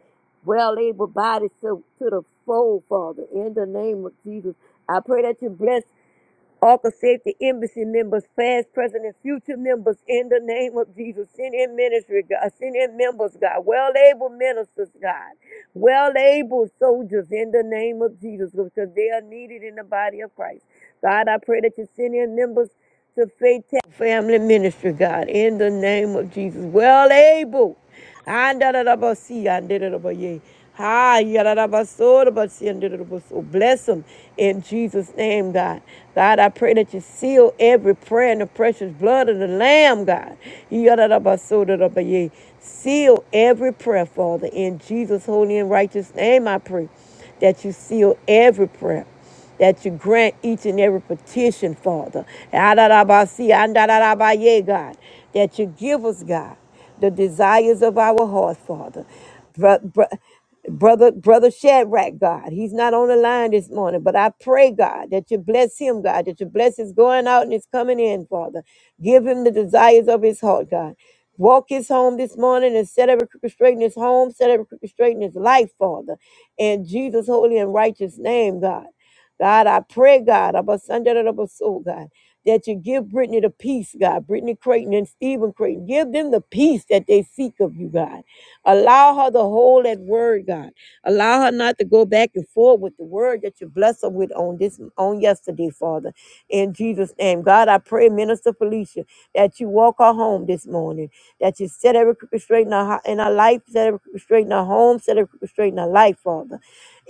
C: well able bodies to, to the fold, Father, in the name of Jesus. I pray that you bless Ark of Safety Embassy members, past, present, and future members, in the name of Jesus. Send in ministry, God. Send in members, God. Well able ministers, God. Well able soldiers, in the name of Jesus, because they are needed in the body of Christ. God, I pray that you send in members to Faith Family Ministry, God, in the name of Jesus. Well able. Andadadabasi, andadadabaye. Hi, yadadabasorabasi, andadadabaso. Bless them in Jesus' name, God. God, I pray that you seal every prayer in the precious blood of the Lamb, God. Yadadabasorabasi. Seal every prayer, Father, in Jesus' holy and righteous name, I pray that you seal every prayer that you grant each and every petition, Father. Adarabasi, andarabaye, God, that you give us, God, the desires of our heart, Father. Bro- bro- Brother, brother Shadrach, God, he's not on the line this morning, but I pray, God, that you bless him, God, that you bless his going out and his coming in, Father. Give him the desires of his heart, God. Walk his home this morning and set every crooked straight in his home, set every crooked straight in his life, Father. In Jesus' holy and righteous name, God. God, I pray, God, about Sunday to the soul, God, that you give Brittany the peace, God, Brittany Creighton and Stephen Creighton. Give them the peace that they seek of you, God. Allow her to hold that word, God. Allow her not to go back and forth with the word that you bless her with on this on yesterday, Father. In Jesus' name. God, I pray, Minister Felicia, that you walk her home this morning, that you set every crooked straight in her, ho- in her life, set every crooked straight in her home, set every crooked straight in her life, Father.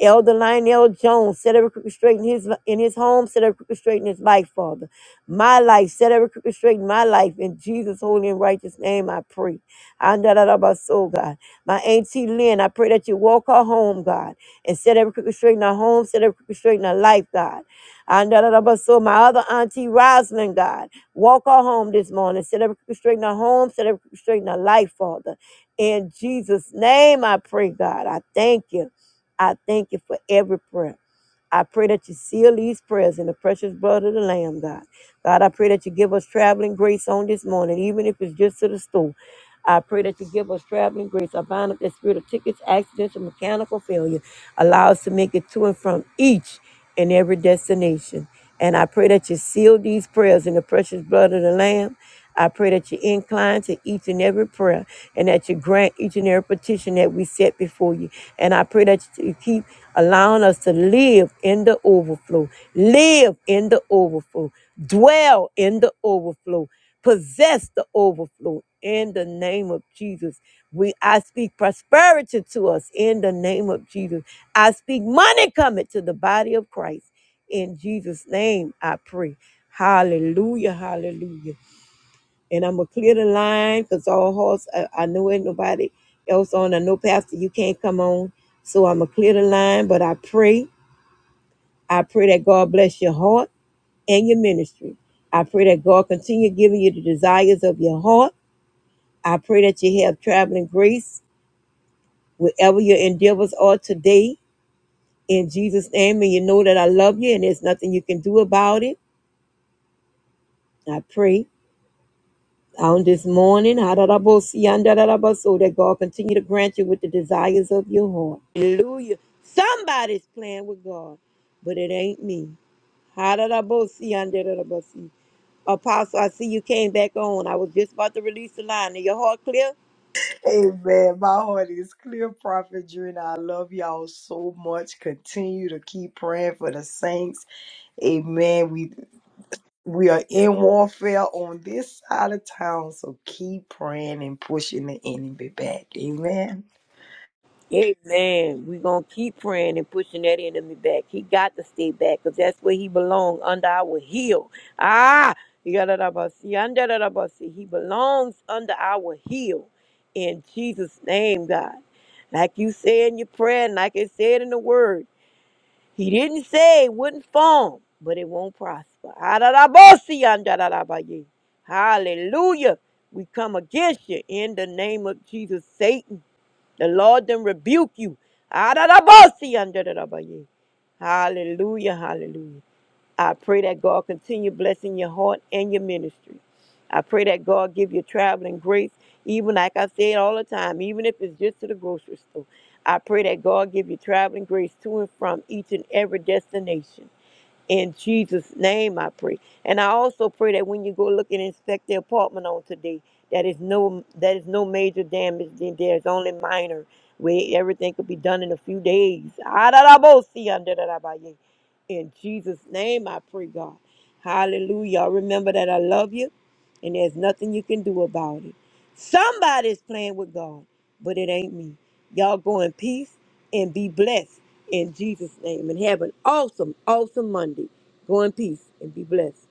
C: Elder Lionel Jones, set every crooked straight in his in his home, set every crooked straight in his life, Father. My life, set every crooked straight in my life. In Jesus' holy and righteous name, I pray. Andarabaso, God. My auntie Lynn, I pray that you walk her home, God, and set every crooked straight in her home, set every crooked straight in her life, God. Andarabaso, my other auntie Rosalind, God, walk her home this morning, set every crooked straight in her home, set every crooked straight in her life, Father. In Jesus' name, I pray, God. I thank you. I thank you for every prayer. I pray that you seal these prayers in the precious blood of the Lamb, God. God, I pray that you give us traveling grace on this morning, even if it's just to the store. I pray that you give us traveling grace. I bind up the spirit of tickets, accidents, and mechanical failure. Allow us to make it to and from each in every destination. And I pray that you seal these prayers in the precious blood of the Lamb. I pray that you incline to each and every prayer and that you grant each and every petition that we set before you. And I pray that you keep allowing us to live in the overflow, live in the overflow, dwell in the overflow possess the overflow in the name of Jesus. We I speak prosperity to us in the name of Jesus. I speak money coming to the body of Christ. In Jesus' name I pray. Hallelujah. Hallelujah. And I'm gonna clear the line because all hearts I, I know ain't nobody else on. I know Pastor you can't come on. So I'm gonna clear the line, but I pray, I pray that God bless your heart and your ministry. I pray that God continue giving you the desires of your heart I pray that you have traveling grace wherever your endeavors are today in Jesus' name. And you know that I love you and there's nothing you can do about it. I pray on this morning da da da da da hadarabosi, andaraboso, that God continue to grant you with the desires of your heart. Hallelujah. Somebody's playing with God, but it ain't me. Hadarabosi, andarabosi. Apostle, I see you came back on. I was just about to release the line. Are your heart clear?
B: Amen. My heart is clear, Prophet Drina. I love y'all so much. Continue to keep praying for the saints. Amen. We we are in warfare on this side of town, so keep praying and pushing the enemy back. Amen.
C: Amen. We're going to keep praying and pushing that enemy back. He got to stay back because that's where he belongs, under our heel. Ah, yadadabasi, yandadadabasi. he belongs under our heel. In Jesus' name, God. Like you say in your prayer, and like it said in the word, he didn't say it wouldn't form, but it won't prosper. Adadabasi, yandadadabaye. Hallelujah. We come against you in the name of Jesus, Satan. The Lord then rebuke you. Adadabosi andadadabaye. Hallelujah, hallelujah. I pray that God continue blessing your heart and your ministry. I pray that God give you traveling grace, even like I said all the time, even if it's just to the grocery store. I pray that God give you traveling grace to and from each and every destination. In Jesus' name, I pray. And I also pray that when you go look and inspect the apartment on today, that is no that is no major damage. Then There's only minor where everything could be done in a few days. adarabosi In Jesus' name, I pray, God. Hallelujah. Remember that I love you, and there's nothing you can do about it. Somebody's playing with God, but it ain't me. Y'all go in peace and be blessed in Jesus' name, and have an awesome, awesome Monday. Go in peace and be blessed.